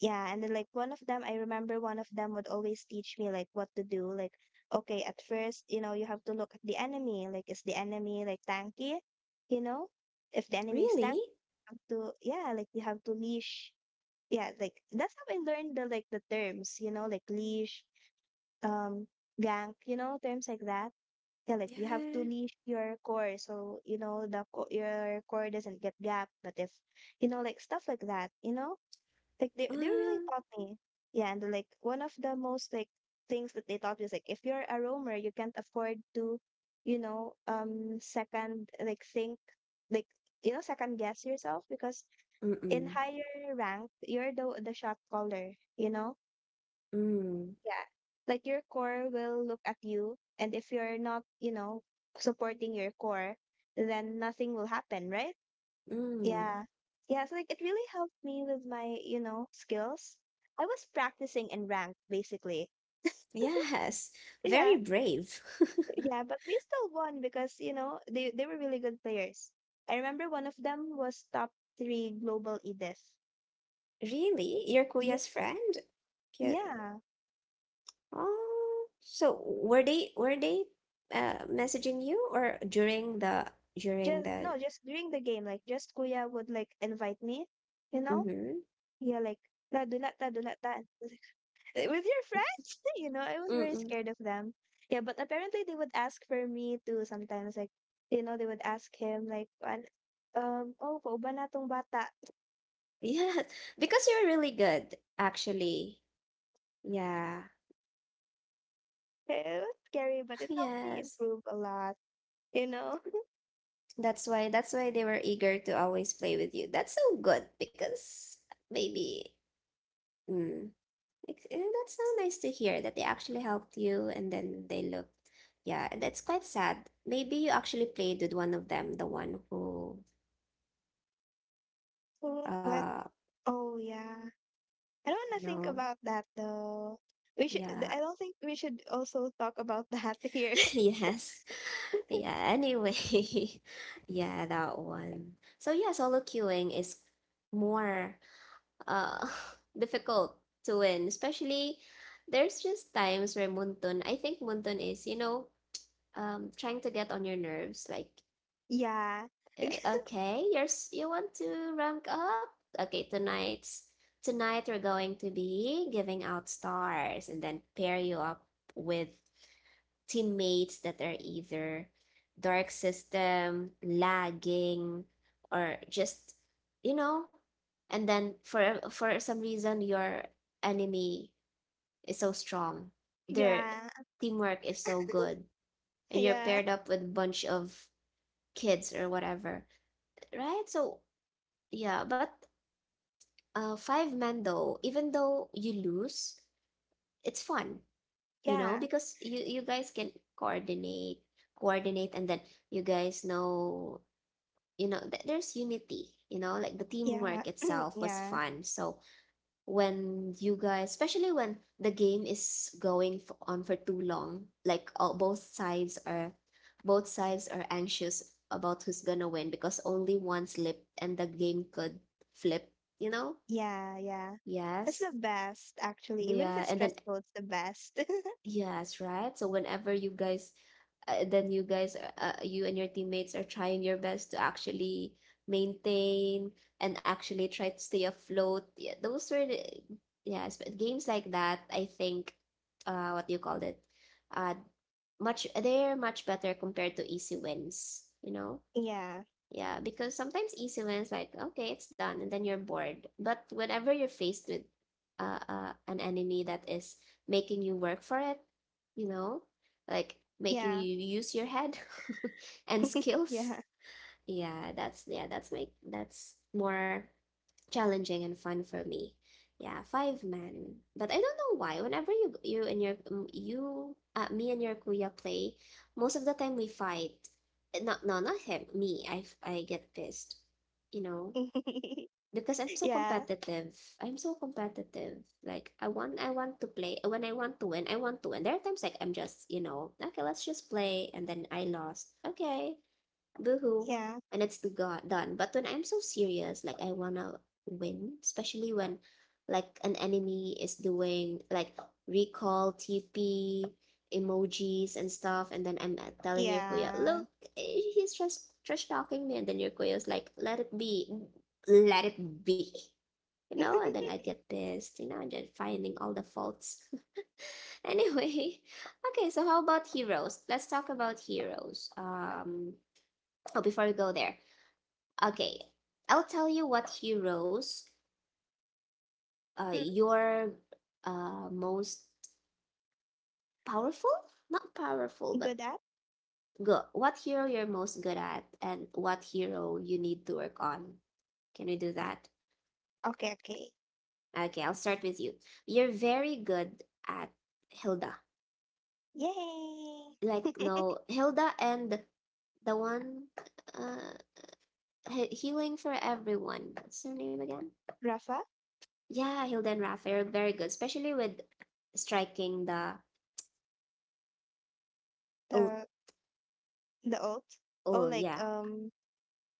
S2: yeah, and then like one of them, I remember one of them would always teach me like what to do. Like, okay, at first, you know, you have to look at the enemy. Like, is the enemy like tanky? You know, if the enemy is
S1: Really?
S2: tanky, you have to yeah, like you have to leash. Yeah, like that's how I learned the like the terms. You know, like leash, um, gank. You know, terms like that. Yeah, like you have to
S1: Yeah.
S2: leash your core so you know your core doesn't get gapped. But if you know, like stuff like that, you know like they really
S1: Mm,
S2: taught me. Yeah, and like one of the most like things that they taught me is like if you're a roamer, you can't afford to, you know, second like think like you know second guess yourself because in
S1: mm-mm,
S2: higher rank you're the shot caller, you know?
S1: mm,
S2: Yeah. Like your core will look at you and if you're not, you know, supporting your core, then nothing will happen, right?
S1: mm.
S2: Yeah. Yeah, so like it really helped me with my, you know, skills. I was practicing in rank basically.
S1: Yes,
S2: Yeah.
S1: very brave.
S2: Yeah, but we still won because, you know, they were really good players. I remember one of them was top 3 global Edith.
S1: Really? Your
S2: Yeah.
S1: kuya's friend? Yeah.
S2: Yeah.
S1: Oh, so were they messaging you or during
S2: Just
S1: the
S2: no, just during the game like just Kuya would like invite me, you know?
S1: mm-hmm.
S2: Yeah, like ta do not ta do not ta. With your friends you know I was very
S1: Mm-mm.
S2: scared of them yeah but apparently they would ask for me too sometimes like you know they would ask him like "An- oh pauban na tong bata
S1: Yeah, because you're really good, actually. Yeah.
S2: it was scary but it helped me
S1: Yes.
S2: improve a lot you know
S1: That's why they were eager to always play with you. That's so good because maybe mm, And that's so nice to hear that they actually helped you and then they looked. Yeah, and that's quite sad. Maybe you actually played with one of them, the one who,
S2: so what
S1: uh,
S2: oh yeah I don't want
S1: you
S2: to think
S1: know,
S2: about that though we should
S1: yeah,
S2: I don't think we should also talk about that here.
S1: yes, yeah. Anyway, yeah, that one. So yeah, solo queuing is more uh difficult to win, especially there's just times where Muntun, I think Muntun is, you know, trying to get on your nerves, like.
S2: Yeah.
S1: Okay, you want to rank up? Okay, tonight we're going to be giving out stars and then pair you up with teammates that are either dark system, lagging, or just you know. And then for some reason your enemy is so strong. Their
S2: Yeah.
S1: teamwork is so good, and you're
S2: Yeah.
S1: paired up with a bunch of kids or whatever, right? So yeah, but five men though, even though you lose, it's fun, you know,
S2: Yeah.
S1: because you guys can coordinate, coordinate, and then you guys know, you know, th there's unity, you know, like the teamwork
S2: Yeah.
S1: itself was
S2: Yeah.
S1: fun. So when you guys, especially when the game is going f on for too long, like all, both sides are anxious about who's gonna win because only one slipped and the game could flip, you know?
S2: Yeah. Yeah. That's
S1: Yes.
S2: the best, actually. Even if
S1: Yeah,
S2: it's
S1: and then
S2: stressful, it's the best.
S1: yes, right? So whenever you guys then you and your teammates are trying your best to actually maintain and actually try to stay afloat. Yeah, those were the, yes, but games like that, I think what do you call it? Uh much they're much better compared to easy wins, you know?
S2: Yeah.
S1: Yeah, because sometimes easy wins like okay, it's done, and then you're bored. But whenever you're faced with an enemy that is making you work for it, you know, like making
S2: Yeah.
S1: you use your head and skills,
S2: Yeah.
S1: yeah, that's yeah, that's more challenging and fun for me. Yeah, five men. But I don't know why. Whenever you you and your you me and your kuya play, most of the time we fight. Eh, no, no, not him. Me. I get pissed. You know, because I'm so
S2: Yeah.
S1: competitive. I'm so competitive. Like I want to play. When I want to win, I want to win. There are times like I'm just, you know, okay, let's just play and then I lost. Okay, boohoo,
S2: Yeah.
S1: and it's done, but when I'm so serious like I wanna win, especially when like an enemy is doing like recall TP emojis and stuff and then I'm telling your kuya,
S2: Yeah.
S1: look, eh, he's just trash talking me and then your kuya's like let it be, let it be, you know, and then I get pissed, you know, and then finding all the faults. Anyway, okay, so how about heroes? Let's talk about heroes. Oh, before we go there, okay, I'll tell you what heroes
S2: Hmm,
S1: your most powerful, not powerful, but
S2: good at?
S1: good. What hero you're most good at, and what hero you need to work on. Can we do that?
S2: Okay, okay.
S1: Okay, I'll start with you. You're very good at Hilda.
S2: Yay!
S1: Like no, Hilda and the one uh he- healing for everyone. What's her name again?
S2: Rafa,
S1: Yeah, Hilda and Raphael, very good, especially with striking the ult.
S2: the the old. Oh,
S1: Oh
S2: like
S1: yeah.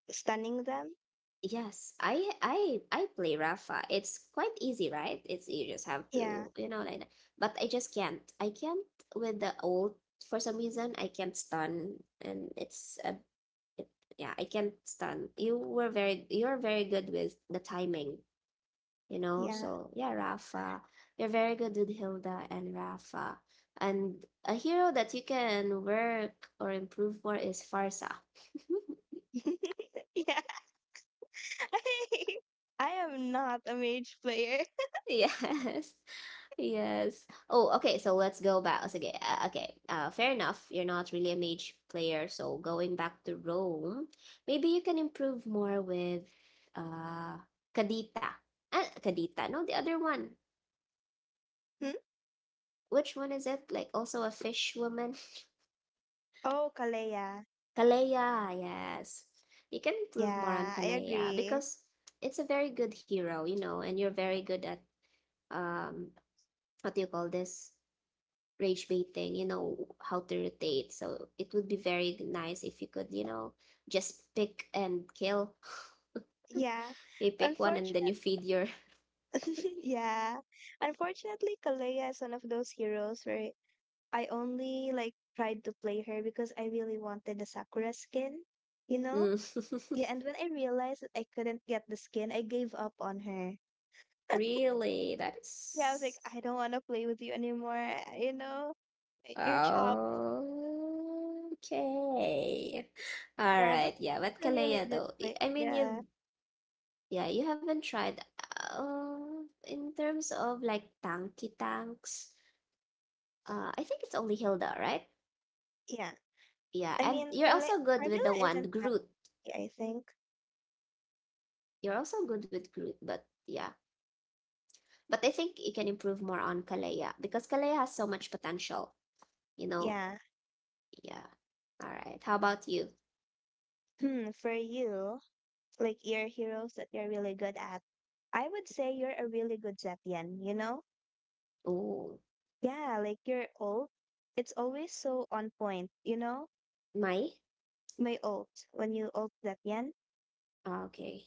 S2: stunning them?
S1: Yes. I play Rafa. It's quite easy, right? It's you just have
S2: Yeah,
S1: to, you know, like that. But I just can't. I can't with the old for some reason. I can't stun and it's a it, yeah, I can't stun. You're very good with the timing, you know?
S2: yeah.
S1: So, yeah, Rafa. You're very good with Hilda and Rafa. And a hero that you can work or improve for is Farsa.
S2: yeah. I am not a mage player.
S1: Yes. Yes. Oh, okay. So let's go back. Oh, Sige. Okay. Fair enough. You're not really a mage player. So going back to Rome, maybe you can improve more with uh Kadita. Ah, Kadita. No, the other one.
S2: Hmm?
S1: Which one is it? Like also a fish woman?
S2: Oh, Kalea.
S1: Kalea. Yes. You can improve more on
S2: Yeah, I
S1: Kalea
S2: agree.
S1: because it's a very good hero, you know, and you're very good at um what do you call this? Rage baiting, you know, how to rotate. So it would be very nice if you could, you know, just pick and kill.
S2: Yeah.
S1: You pick one and then you
S2: Unfortunately.
S1: feed your.
S2: yeah. Unfortunately, Kalea is one of those heroes where I only like tried to play her because I really wanted the Sakura skin, you know?
S1: Mm.
S2: Yeah, and when I realized that I couldn't get the skin, I gave up on her.
S1: Really? That
S2: Yeah, I was like,
S1: is.
S2: I don't want to play with you anymore. You know, you're chopped.
S1: Oh, okay. All
S2: Yeah, but
S1: right. Yeah,
S2: it's
S1: but
S2: a really
S1: Kalea,
S2: good
S1: though,
S2: play.
S1: I mean,
S2: Yeah,
S1: you. Yeah, you haven't tried. In terms of like tanky tanks, I think it's only Hilda, right?
S2: yeah.
S1: Yeah,
S2: I
S1: and
S2: mean,
S1: you're also good with the
S2: Carmilla
S1: one
S2: isn't
S1: Groot.
S2: happy, I think.
S1: You're also good with Groot, but yeah. But I think you can improve more on Kalea because Kalea has so much potential, you know?
S2: Yeah.
S1: Yeah. All right. How about you?
S2: Hmm, for you, like your heroes that you're really good at, I would say you're a really good Zeptian, you know?
S1: Oh,
S2: Yeah, like your ult, it's always so on point, you know?
S1: Mai?
S2: My ult, when you ult Zeptian.
S1: Ah, okay.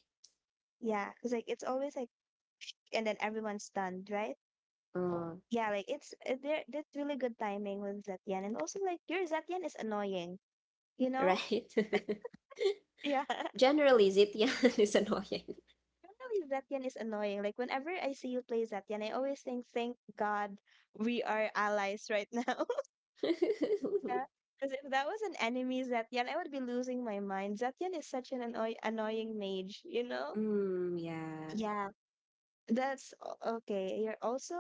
S2: Yeah, because like it's always like, and then everyone's stunned, right?
S1: Uh,
S2: Yeah, like it's there. That's really good timing with Zetian, and also like your Zetian is annoying, you know?
S1: right.
S2: Yeah,
S1: Generally, Zitian is annoying.
S2: generally Zetian is annoying. Like whenever I see you play Zetian, I always think, thank God we are allies right now. Because if that was an enemy Zetian, I would be losing my mind. Zetian is such an annoying mage, you know?
S1: Mm, yeah.
S2: Yeah, that's okay. You're also,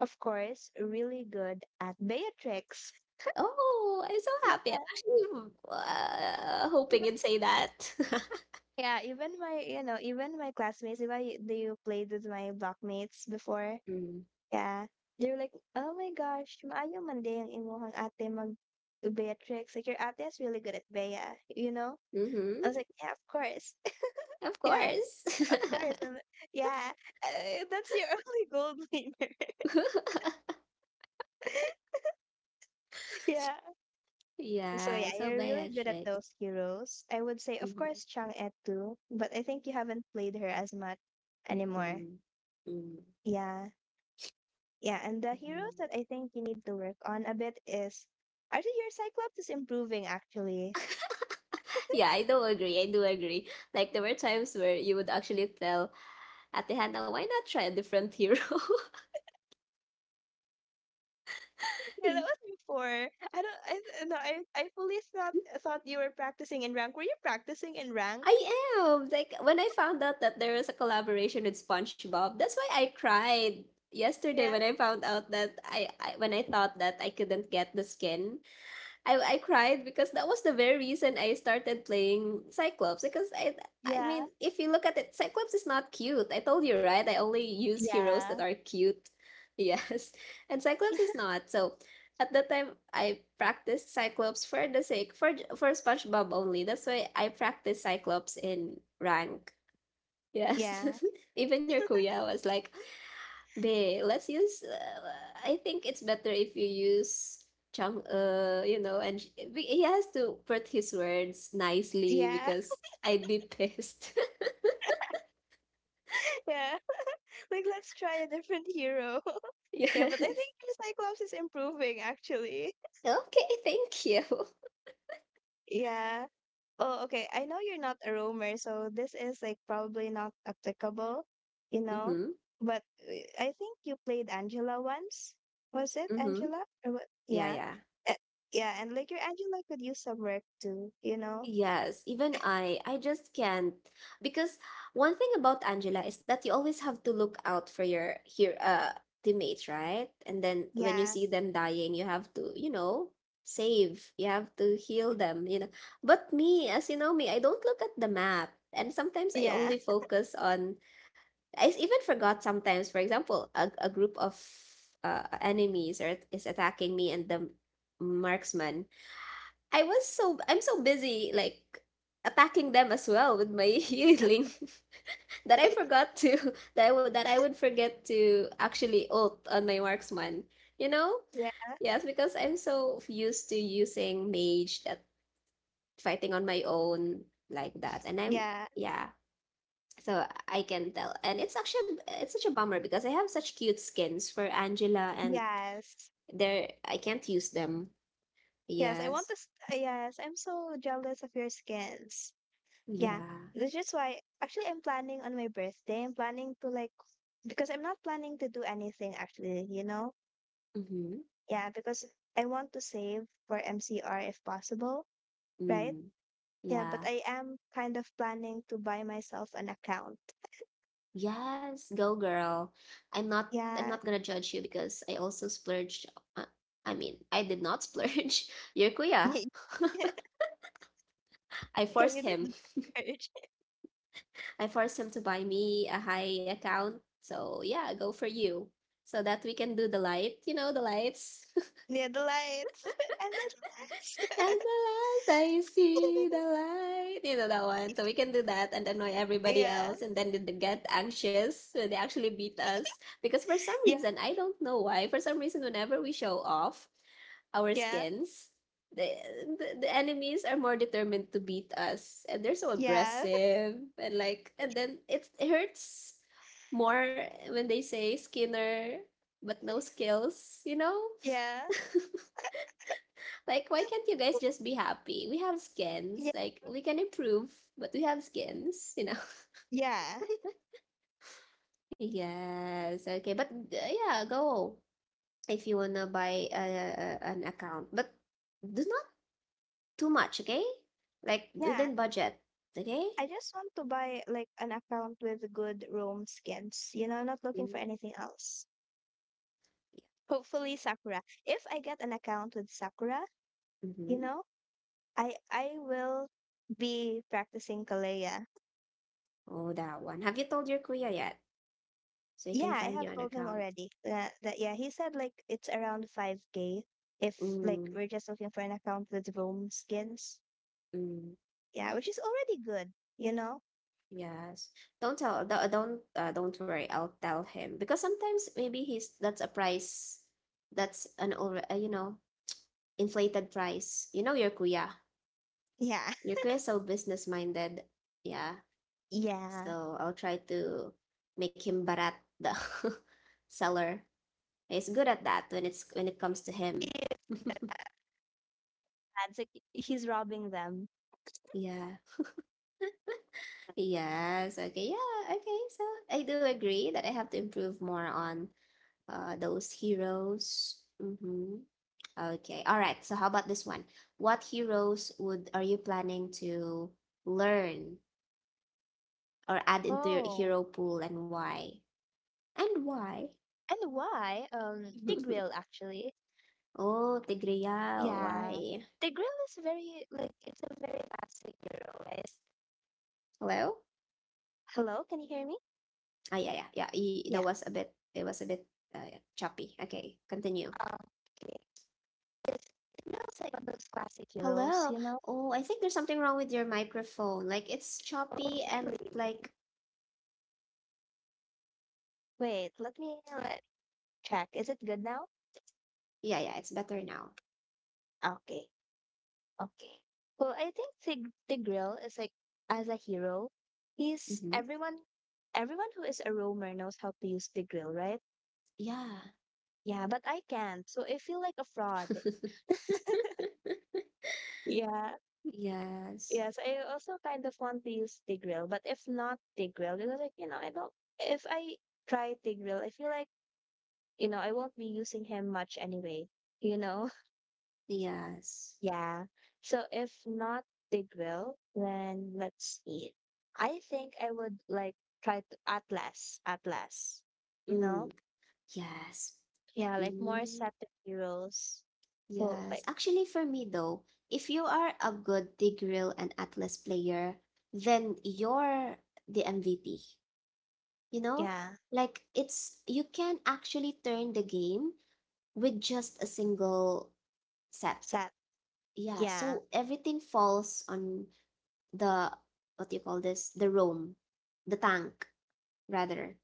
S2: of course, really good at Beatrix.
S1: Oh, I'm so happy. I'm actually hoping you'd say that.
S2: Yeah, even my, you know, even my classmates, if I do you played with my blockmates before,
S1: Mm.
S2: yeah, they're like, oh my gosh, maayo man din yung imuhang ate mag Beatrix. Like, your ate is really good at Bea, you know?
S1: Hmm.
S2: I was like, yeah, of course.
S1: Of
S2: Yeah,
S1: course.
S2: of course. And yeah, that's your only gold winner. Yeah. So yeah,
S1: Yeah, so
S2: you're really good at
S1: Beatrix.
S2: those heroes. I would say, of
S1: Mm-hmm.
S2: course, Chang'e too, but I think you haven't played her as much anymore.
S1: Mm. Mm.
S2: Yeah. Yeah, and the heroes
S1: Mm.
S2: that I think you need to work on a bit is actually your Cyclops is improving actually.
S1: Yeah, I do agree. I do agree. Like there were times where you would actually tell Ate Hannah, why not try a different hero?
S2: Yeah, that
S1: Y-
S2: was before. I don't I- no, I fully thought you were practicing in rank. Were you practicing in rank?
S1: I am. Like when I found out that there was a collaboration with SpongeBob, that's why I cried yesterday
S2: Yeah.
S1: when I found out that I, when I thought that I couldn't get the skin, I cried because that was the very reason I started playing Cyclops because I
S2: Yeah.
S1: mean if you look at it, Cyclops is not cute. I told you, right? I only use heroes that
S2: Yeah.
S1: are cute. Yes. And Cyclops is not. So at that time I practiced Cyclops for the sake for SpongeBob only. That's why I practiced Cyclops in rank. Yes.
S2: Yeah.
S1: Even your kuya was like, Bae, let's use. I think it's better if you use Chang, you know, and he has to put his words nicely
S2: Yeah.
S1: because I'd be pissed.
S2: Yeah. Like let's try a different hero. Yeah, but I
S1: Yes.
S2: think your Cyclops is improving actually.
S1: Okay, thank you.
S2: Yeah. Oh, okay. I know you're not a roamer, so this is like probably not applicable, you know.
S1: Mm-hmm.
S2: But uh, I think you played Angela once. Was it
S1: Mm-hmm.
S2: Angela? Or what?
S1: Yeah,
S2: Yeah.
S1: yeah.
S2: Uh, yeah, and like your Angela could use some work too, you know?
S1: Yes, even I. I just can't because one thing about Angela is that you always have to look out for your here teammates, right? And then when you
S2: Yeah.
S1: see them dying, you have to, you know, save. You have to heal them, you know. But me, as you know me, I don't look at the map. And sometimes I
S2: Yeah.
S1: only focus on even forgot sometimes, for example, a group of enemies is attacking me and the marksman. I'm so busy like packing them as well with my healing that I forgot to that I would forget to actually ult on my marksman. You know?
S2: Yeah.
S1: Yes, because I'm so used to using mage that fighting on my own like that. And I'm
S2: Yeah.
S1: yeah, so I can tell. And it's actually it's such a bummer because I have such cute skins for Angela and
S2: Yes.
S1: they're I can't use them.
S2: Yes, I want
S1: Yes.
S2: this. Yes, I'm so jealous of your skins. Yeah.
S1: Yeah.
S2: Which is why actually I'm planning on my birthday. I'm planning to like because I'm not planning to do anything actually, you know?
S1: Mm-hmm.
S2: Yeah, because I want to save for MCR if possible, right?
S1: Mm.
S2: Yeah, but
S1: Yeah.
S2: I am kind of planning to buy myself an account.
S1: Yes, go girl. I'm not I'm
S2: Yeah.
S1: not gonna judge you because I also splurged. Uh, I mean, I did not splurge. Your kuya.
S2: Can
S1: I forced
S2: you do
S1: him.
S2: the research?
S1: I forced him to buy me a high account. So yeah, go for you. So that we can do the light, you know, the lights.
S2: Yeah, the lights and the lights.
S1: At the last I see the light. You know that one. So we can do that and annoy everybody
S2: Yeah.
S1: else. And then they get anxious. So they actually beat us. Because for some
S2: Yeah.
S1: reason, I don't know why, for some reason, whenever we show off our
S2: Yeah.
S1: skins, the, the enemies are more determined to beat us. And they're so
S2: Yeah.
S1: aggressive. And like, and then it hurts more when they say skinner, but no skills, you know?
S2: Yeah.
S1: Like, why can't you guys just be happy? We have
S2: Yeah. Yeah.
S1: skins. Like, we can improve, but we have skins, you know? Yes. Okay. But yeah, go if you wanna buy an account, but do not too much, okay? Like
S2: Yeah.
S1: within budget, okay?
S2: I just want to buy like an account with good roam skins, you know, not looking
S1: Mm,
S2: for anything else.
S1: yeah.
S2: Hopefully Sakura. If I get an account with Sakura, you
S1: Mm-hmm.
S2: know, I will be practicing Kalea.
S1: Oh, that one. Have you told your kuya yet? So he can
S2: Yeah, I
S1: find you
S2: have
S1: an
S2: told him
S1: account.
S2: already that yeah, he said like it's around 5k if like
S1: Mm,
S2: we're just looking for an account with roam skins.
S1: mm.
S2: Yeah, which is already good, you know?
S1: Yes. Don't. Don't worry. I'll tell him because sometimes maybe he's that's a price. That's an over. You know, inflated price. You know your kuya.
S2: Yeah.
S1: Your kuya is so business minded. Yeah.
S2: Yeah.
S1: So I'll try to make him barat the seller. He's good at that when it comes to him.
S2: That's like he's robbing them.
S1: Yeah. Yes. Okay. Yeah. Okay. So I do agree that I have to improve more on those heroes. Mm-hmm. Okay. All right. So how about this one? What heroes would Are you planning to learn or add into your
S2: Oh,
S1: hero pool and why? And why?
S2: and why? Tigreal actually.
S1: Oh, Tigreal.
S2: Yeah.
S1: Why?
S2: Tigreal is very like it's a very fast hero, right?
S1: Hello?
S2: Hello, can you hear me?
S1: Ah, yeah, yeah, yeah. That
S2: Yeah.
S1: was a bit, it was a bit uh, choppy. Okay, continue.
S2: Okay. This feels like one of those classic heroes,
S1: Hello?
S2: you know?
S1: Oh, I think there's something wrong with your microphone. Like, it's
S2: Oh,
S1: choppy and
S2: really?
S1: like,
S2: Wait, let me let check. Is it good now?
S1: yeah, yeah, it's better now.
S2: Okay, okay. Well, I think Tigreal is like as a hero. He's
S1: Mm-hmm.
S2: everyone. Everyone who is a roamer knows how to use Tigreal, right?
S1: Yeah.
S2: Yeah, but I can't, so I feel like a fraud. Yeah,
S1: Yes.
S2: yes. I also kind of want to use Tigreal, but if not Tigreal, because like you know, I don't. If I try Tigreal, I feel like you know, I won't be using him much anyway, you know?
S1: Yes.
S2: Yeah. So if not the grill, then let's see. I think I would like try to Atlas, you
S1: Mm,
S2: know?
S1: yes.
S2: Yeah, like more
S1: Mm,
S2: set of heroes. So
S1: yes.
S2: like,
S1: Actually, for me though, if you are a good Tigreal and Atlas player, then you're the MVP. You know?
S2: yeah,
S1: Like it's you can actually turn the game with just a single set.
S2: set.
S1: Yeah,
S2: Yeah,
S1: so everything falls on the what do you call this? The roam, the tank rather.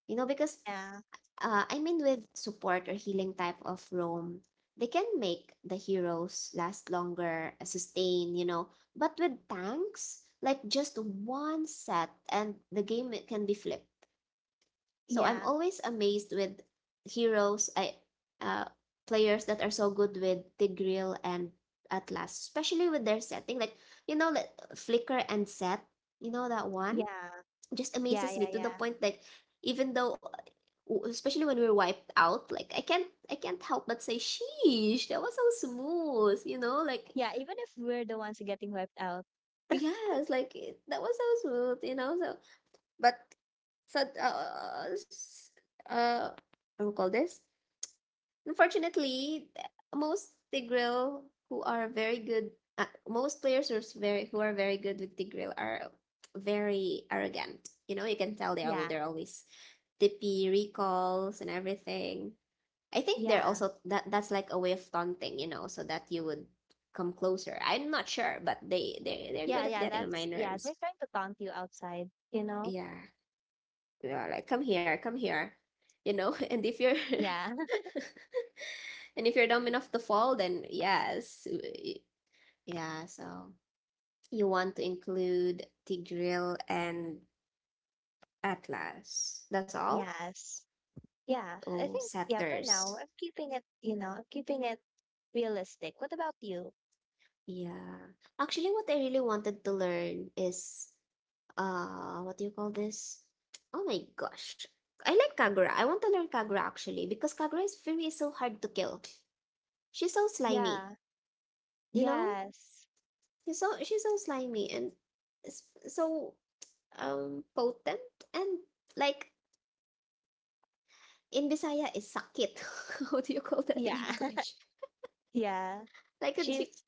S1: You know, because
S2: yeah,
S1: I mean, with support or healing type of Rome, they can make the heroes last longer, sustain, you know. But with tanks, like just one set and the game it can be flipped. So I'm
S2: yeah,
S1: always amazed with heroes, I, uh, players that are so good with Tigreal and Atlas, especially with their setting. Like, you know, like, Flicker and Set, you know that one?
S2: yeah,
S1: Just
S2: yeah,
S1: amazes me
S2: yeah,
S1: to the
S2: yeah.
S1: point that even though especially when we were wiped out, like I can't help but say sheesh, that was so smooth, you know, like
S2: Yeah, even if we're the ones getting wiped out.
S1: yes, like that was so smooth, you know, so but so uh what do you call this? Unfortunately, most tigreal who are very good, most players who are very good with tigreal are very arrogant. You know, you can tell
S2: Yeah,
S1: they're always dippy recalls and everything. I think they're
S2: yeah,
S1: also that that's like a way of taunting, you know, so that you would come closer. I'm not sure, but they're
S2: yeah,
S1: good at
S2: yeah.
S1: getting on my
S2: That's, yeah, they're
S1: nerves.
S2: trying to taunt you outside, you know?
S1: Yeah, yeah, like come here, you know. And if you're
S2: Yeah.
S1: and if you're dumb enough to fall, then yes. Yeah, so you want to include Tigreal and Atlas. That's all?
S2: Yes. Yeah, I
S1: Oh,
S2: think yeah, for now
S1: Satyrs.
S2: I'm keeping it, you know, I'm keeping it realistic. What about you?
S1: Yeah. Actually, what I really wanted to learn is what do you call this? Oh my gosh. I like Kagura. I want to learn Kagura actually because Kagura's Fury is so hard to kill. She's so slimy,
S2: Yeah.
S1: you know?
S2: Yes.
S1: She's so slimy and so potent and like in Bisaya is sakit. How do you call that in
S2: Yeah.
S1: English?
S2: Yeah.
S1: Like a chick,
S2: She's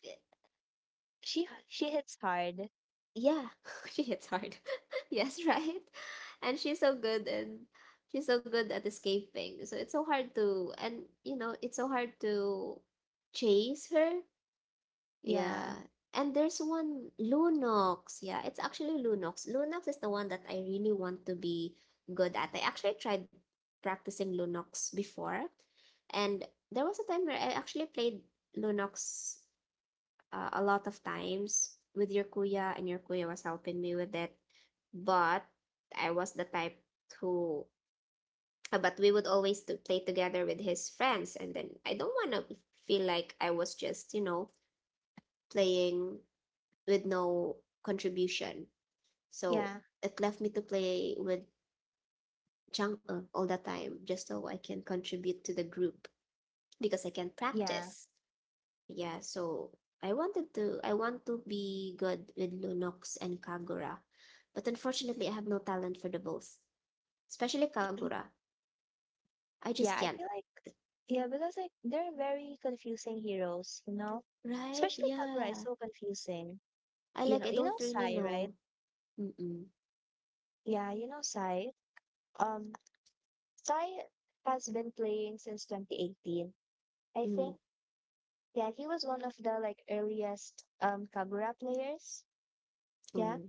S2: she hits hard.
S1: yeah, she hits hard. Yes, right? And she's so good and she's so good at escaping. So it's so hard to and you know, it's so hard to chase her.
S2: Yeah.
S1: Yeah. And there's one Lunox. Yeah, it's actually Lunox. Lunox is the one that I really want to be good at. I actually tried practicing Lunox before, and there was a time where I actually played Lunox a lot of times with your kuya, and your kuya was helping me with it. But I was the type who, but we would always to play together with his friends, and then I don't want to feel like I was just, you know, playing with no contribution. So
S2: Yeah.
S1: it left me to play with Chang'e all the time just so I can contribute to the group because I can
S2: Yeah.
S1: practice. Yeah, so I want to be good with Lunox and Kagura. But unfortunately I have no talent for the both. Especially Kagura. I just
S2: Yeah, I
S1: can't.
S2: feel like yeah, because like they're very confusing heroes, you know?
S1: Right?
S2: Especially Kagura is
S1: Yeah.
S2: so confusing.
S1: I like I
S2: You know
S1: don't really
S2: Sai, right?
S1: know. Mm-mm.
S2: Yeah, you know Sai. Um Sai has been playing since 2018. I
S1: Mm,
S2: think yeah, he was one of the like earliest Kagura players. Yeah.
S1: mm,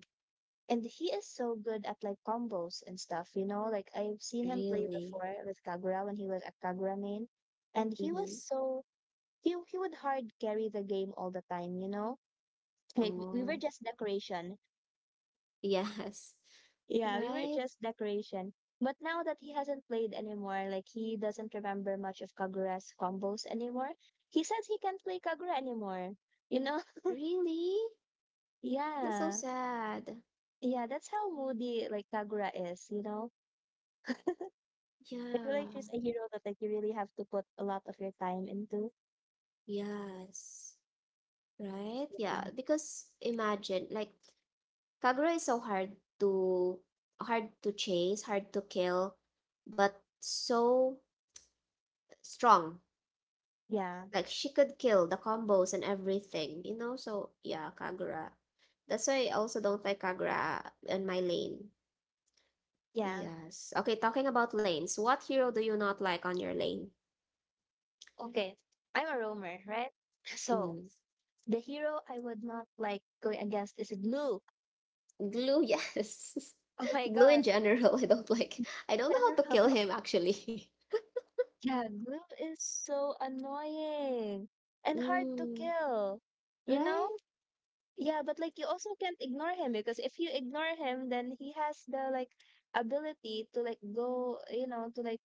S2: And he is so good at like combos and stuff, you know? Like I've seen him play
S1: really?
S2: before with Kagura when he was a Kagura main. And he was
S1: Mm-hmm.
S2: so he would hard carry the game all the time, you know? Like we
S1: Oh,
S2: were just decoration.
S1: yes.
S2: Yeah, we were
S1: Right?
S2: just decoration. But now that he hasn't played anymore, like he doesn't remember much of Kagura's combos anymore. He says he can't play Kagura anymore. You know?
S1: Really? That's so
S2: Yeah.
S1: sad.
S2: Yeah, that's how moody like Kagura is, you know? I feel
S1: Yeah,
S2: like she's a hero that like you really have to put a lot of your time into.
S1: yes. Right?
S2: Yeah,
S1: Yeah, because imagine like Kagura is so hard to hard to chase, hard to kill, but so strong.
S2: yeah.
S1: Like she could kill the combos and everything, you know? So yeah, Kagura. That's why I also don't like Kagura in my lane.
S2: yeah.
S1: Yes. Okay, talking about lanes, what hero do you not like on your lane?
S2: Okay. I'm a roamer, right? So
S1: Mm.
S2: the hero I would not like going against is Glue.
S1: Glue, yes.
S2: Oh my
S1: Glue in
S2: gosh.
S1: general, I don't like. I don't know how to
S2: General.
S1: kill him actually.
S2: Yeah, Glue is so annoying and hard to
S1: Mm,
S2: kill. You know?
S1: right?
S2: Yeah, but like you also can't ignore him because if you ignore him, then he has the like ability to like go, you know, to like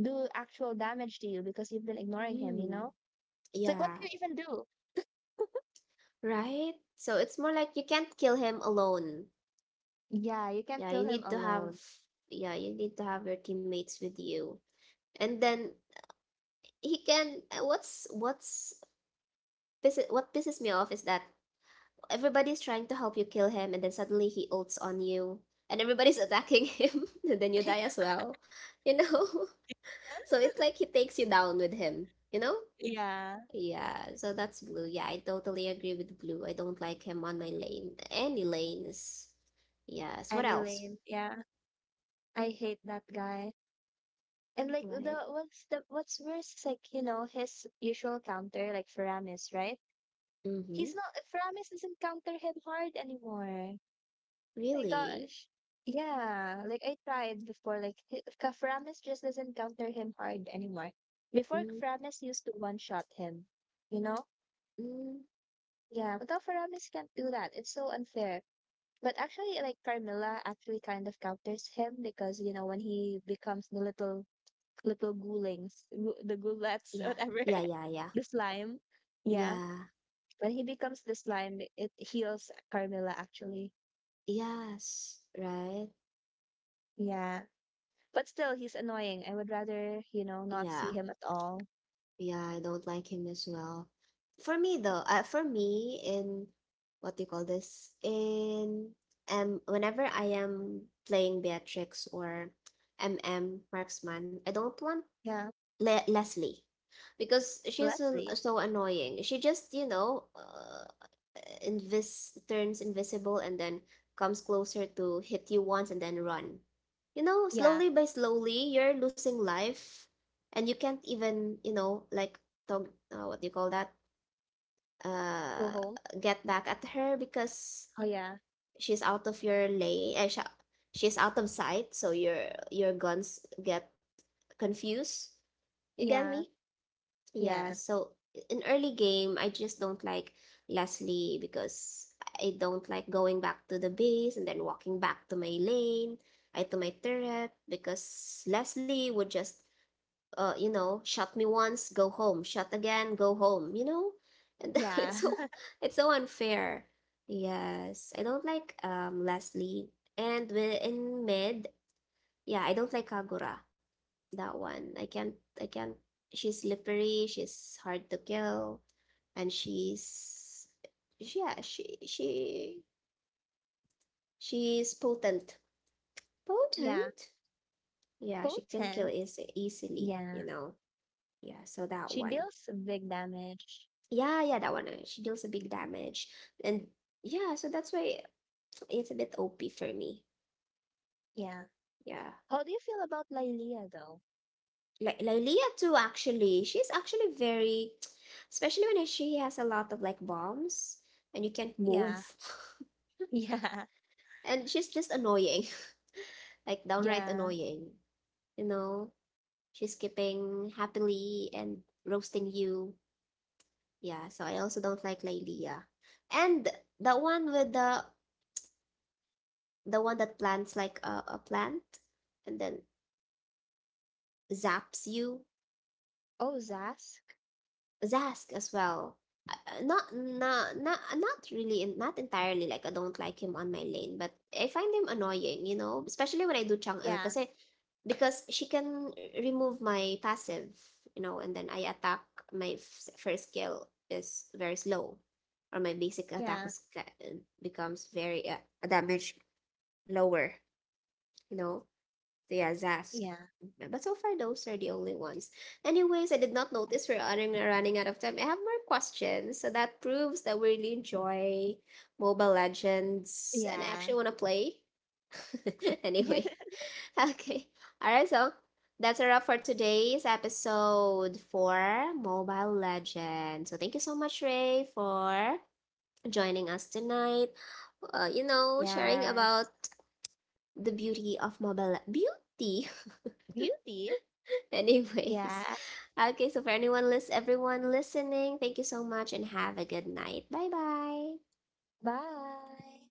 S2: do actual damage to you because you've been ignoring him, you
S1: Mm,
S2: know? It's like, what
S1: yeah,
S2: do you even do?
S1: right? So it's more like you can't kill him alone.
S2: Yeah, you can't
S1: Yeah,
S2: kill
S1: you
S2: him
S1: need to have
S2: alone.
S1: yeah, you need to have your teammates with you. And then he can what's what pisses me off is that everybody's trying to help you kill him and then suddenly he ults on you and everybody's attacking him and then you die as well. You know? So it's like he takes you down with him, you know?
S2: Yeah.
S1: Yeah, so that's Blue. Yeah, I totally agree with Blue. I don't like him on my lane. Any lanes. Yes, what
S2: Annie
S1: else?
S2: Lane, yeah, I hate that guy. And like
S1: Right.
S2: the what's worse is like you know his usual counter like Faramis, right?
S1: Mm-hmm.
S2: He's not Faramis doesn't counter him hard anymore. My
S1: Really?
S2: gosh. Yeah, like I tried before. Like Kaframis just doesn't counter him hard anymore. Before Kaframis used to one shot him, you know?
S1: Mm-hmm.
S2: Yeah, but Kaframis can't do that. It's so unfair. But actually, like Carmilla actually kind of counters him because you know when he becomes the little ghoulings, the ghoulettes,
S1: Yeah.
S2: whatever,
S1: Yeah, yeah, yeah.
S2: the slime. Yeah,
S1: Yeah.
S2: when he becomes the slime, it heals Carmilla actually.
S1: Yes. Right?
S2: Yeah. But still, he's annoying. I would rather, you know, not
S1: Yeah.
S2: see him at all.
S1: Yeah, I don't like him as well. For me though, for me in what do you call this? In whenever I am playing Beatrix or MM Marksman, I don't want
S2: Yeah.
S1: Le Leslie because
S2: Leslie.
S1: so annoying. She just, you know, invis turns invisible and then comes closer to hit you once and then run. You know,
S2: Yeah.
S1: slowly by slowly, you're losing life, and you can't even, you know, like tog what do you call that?
S2: Go
S1: Uh,
S2: home.
S1: get back at her because
S2: Oh, yeah.
S1: she's out of your lane. Sh She's out of sight, so your guns get confused. You get
S2: Yeah.
S1: me? Yeah,
S2: Yeah.
S1: so in early game, I just don't like Leslie because I don't like going back to the base and then walking back to my lane, I to my turret because Leslie would just you know, shot me once, go home, shot again, go home, you know? And
S2: Yeah.
S1: it's so unfair. Yes, I don't like Leslie. And in mid, yeah, I don't like Kagura, that one. I can't. She's slippery, she's hard to kill, and she's yeah, she's potent.
S2: yeah.
S1: Potent? Yeah, she can kill
S2: Potent.
S1: easily, you
S2: Yeah.
S1: know. Yeah, so that
S2: She
S1: one.
S2: deals big damage.
S1: Yeah, yeah, that one. She deals a big damage. And yeah, so that's why it's a bit OP for me.
S2: Yeah.
S1: Yeah.
S2: How do you feel about Lylea, though?
S1: Like Lylea too actually. She's actually very, especially when she has a lot of like bombs and you can't
S2: Yeah.
S1: move.
S2: Yeah.
S1: And she's just annoying, like downright
S2: Yeah.
S1: annoying. You know, she's skipping happily and roasting you. Yeah, so I also don't like Lailia. And the one with the one that plants like a plant and then zaps you.
S2: Oh, Zask.
S1: Zask as well. Not really, not entirely, like I don't like him on my lane, but I find him annoying, you know, especially when I do Chang'e
S2: Yeah.
S1: kasi because she can remove my passive, you know, and then I attack, first skill is very slow or my basic attack
S2: Yeah.
S1: becomes very damage lower, you know. Yeah, Zas.
S2: Yeah.
S1: But so far, those are the only ones. Anyways, I did not notice we're running out of time. I have more questions. So that proves that we really enjoy Mobile Legends and I
S2: Yeah.
S1: actually want to play. Anyway, okay. All right, so that's a wrap for today's episode for Mobile Legends. So thank you so much, Ray, for joining us tonight. You know, sharing
S2: yes.
S1: about the beauty of mobile beauty.
S2: Beauty.
S1: Anyways,
S2: Yeah.
S1: okay, so for anyone list everyone listening, thank you so much and have a good night. Bye bye.
S2: Bye.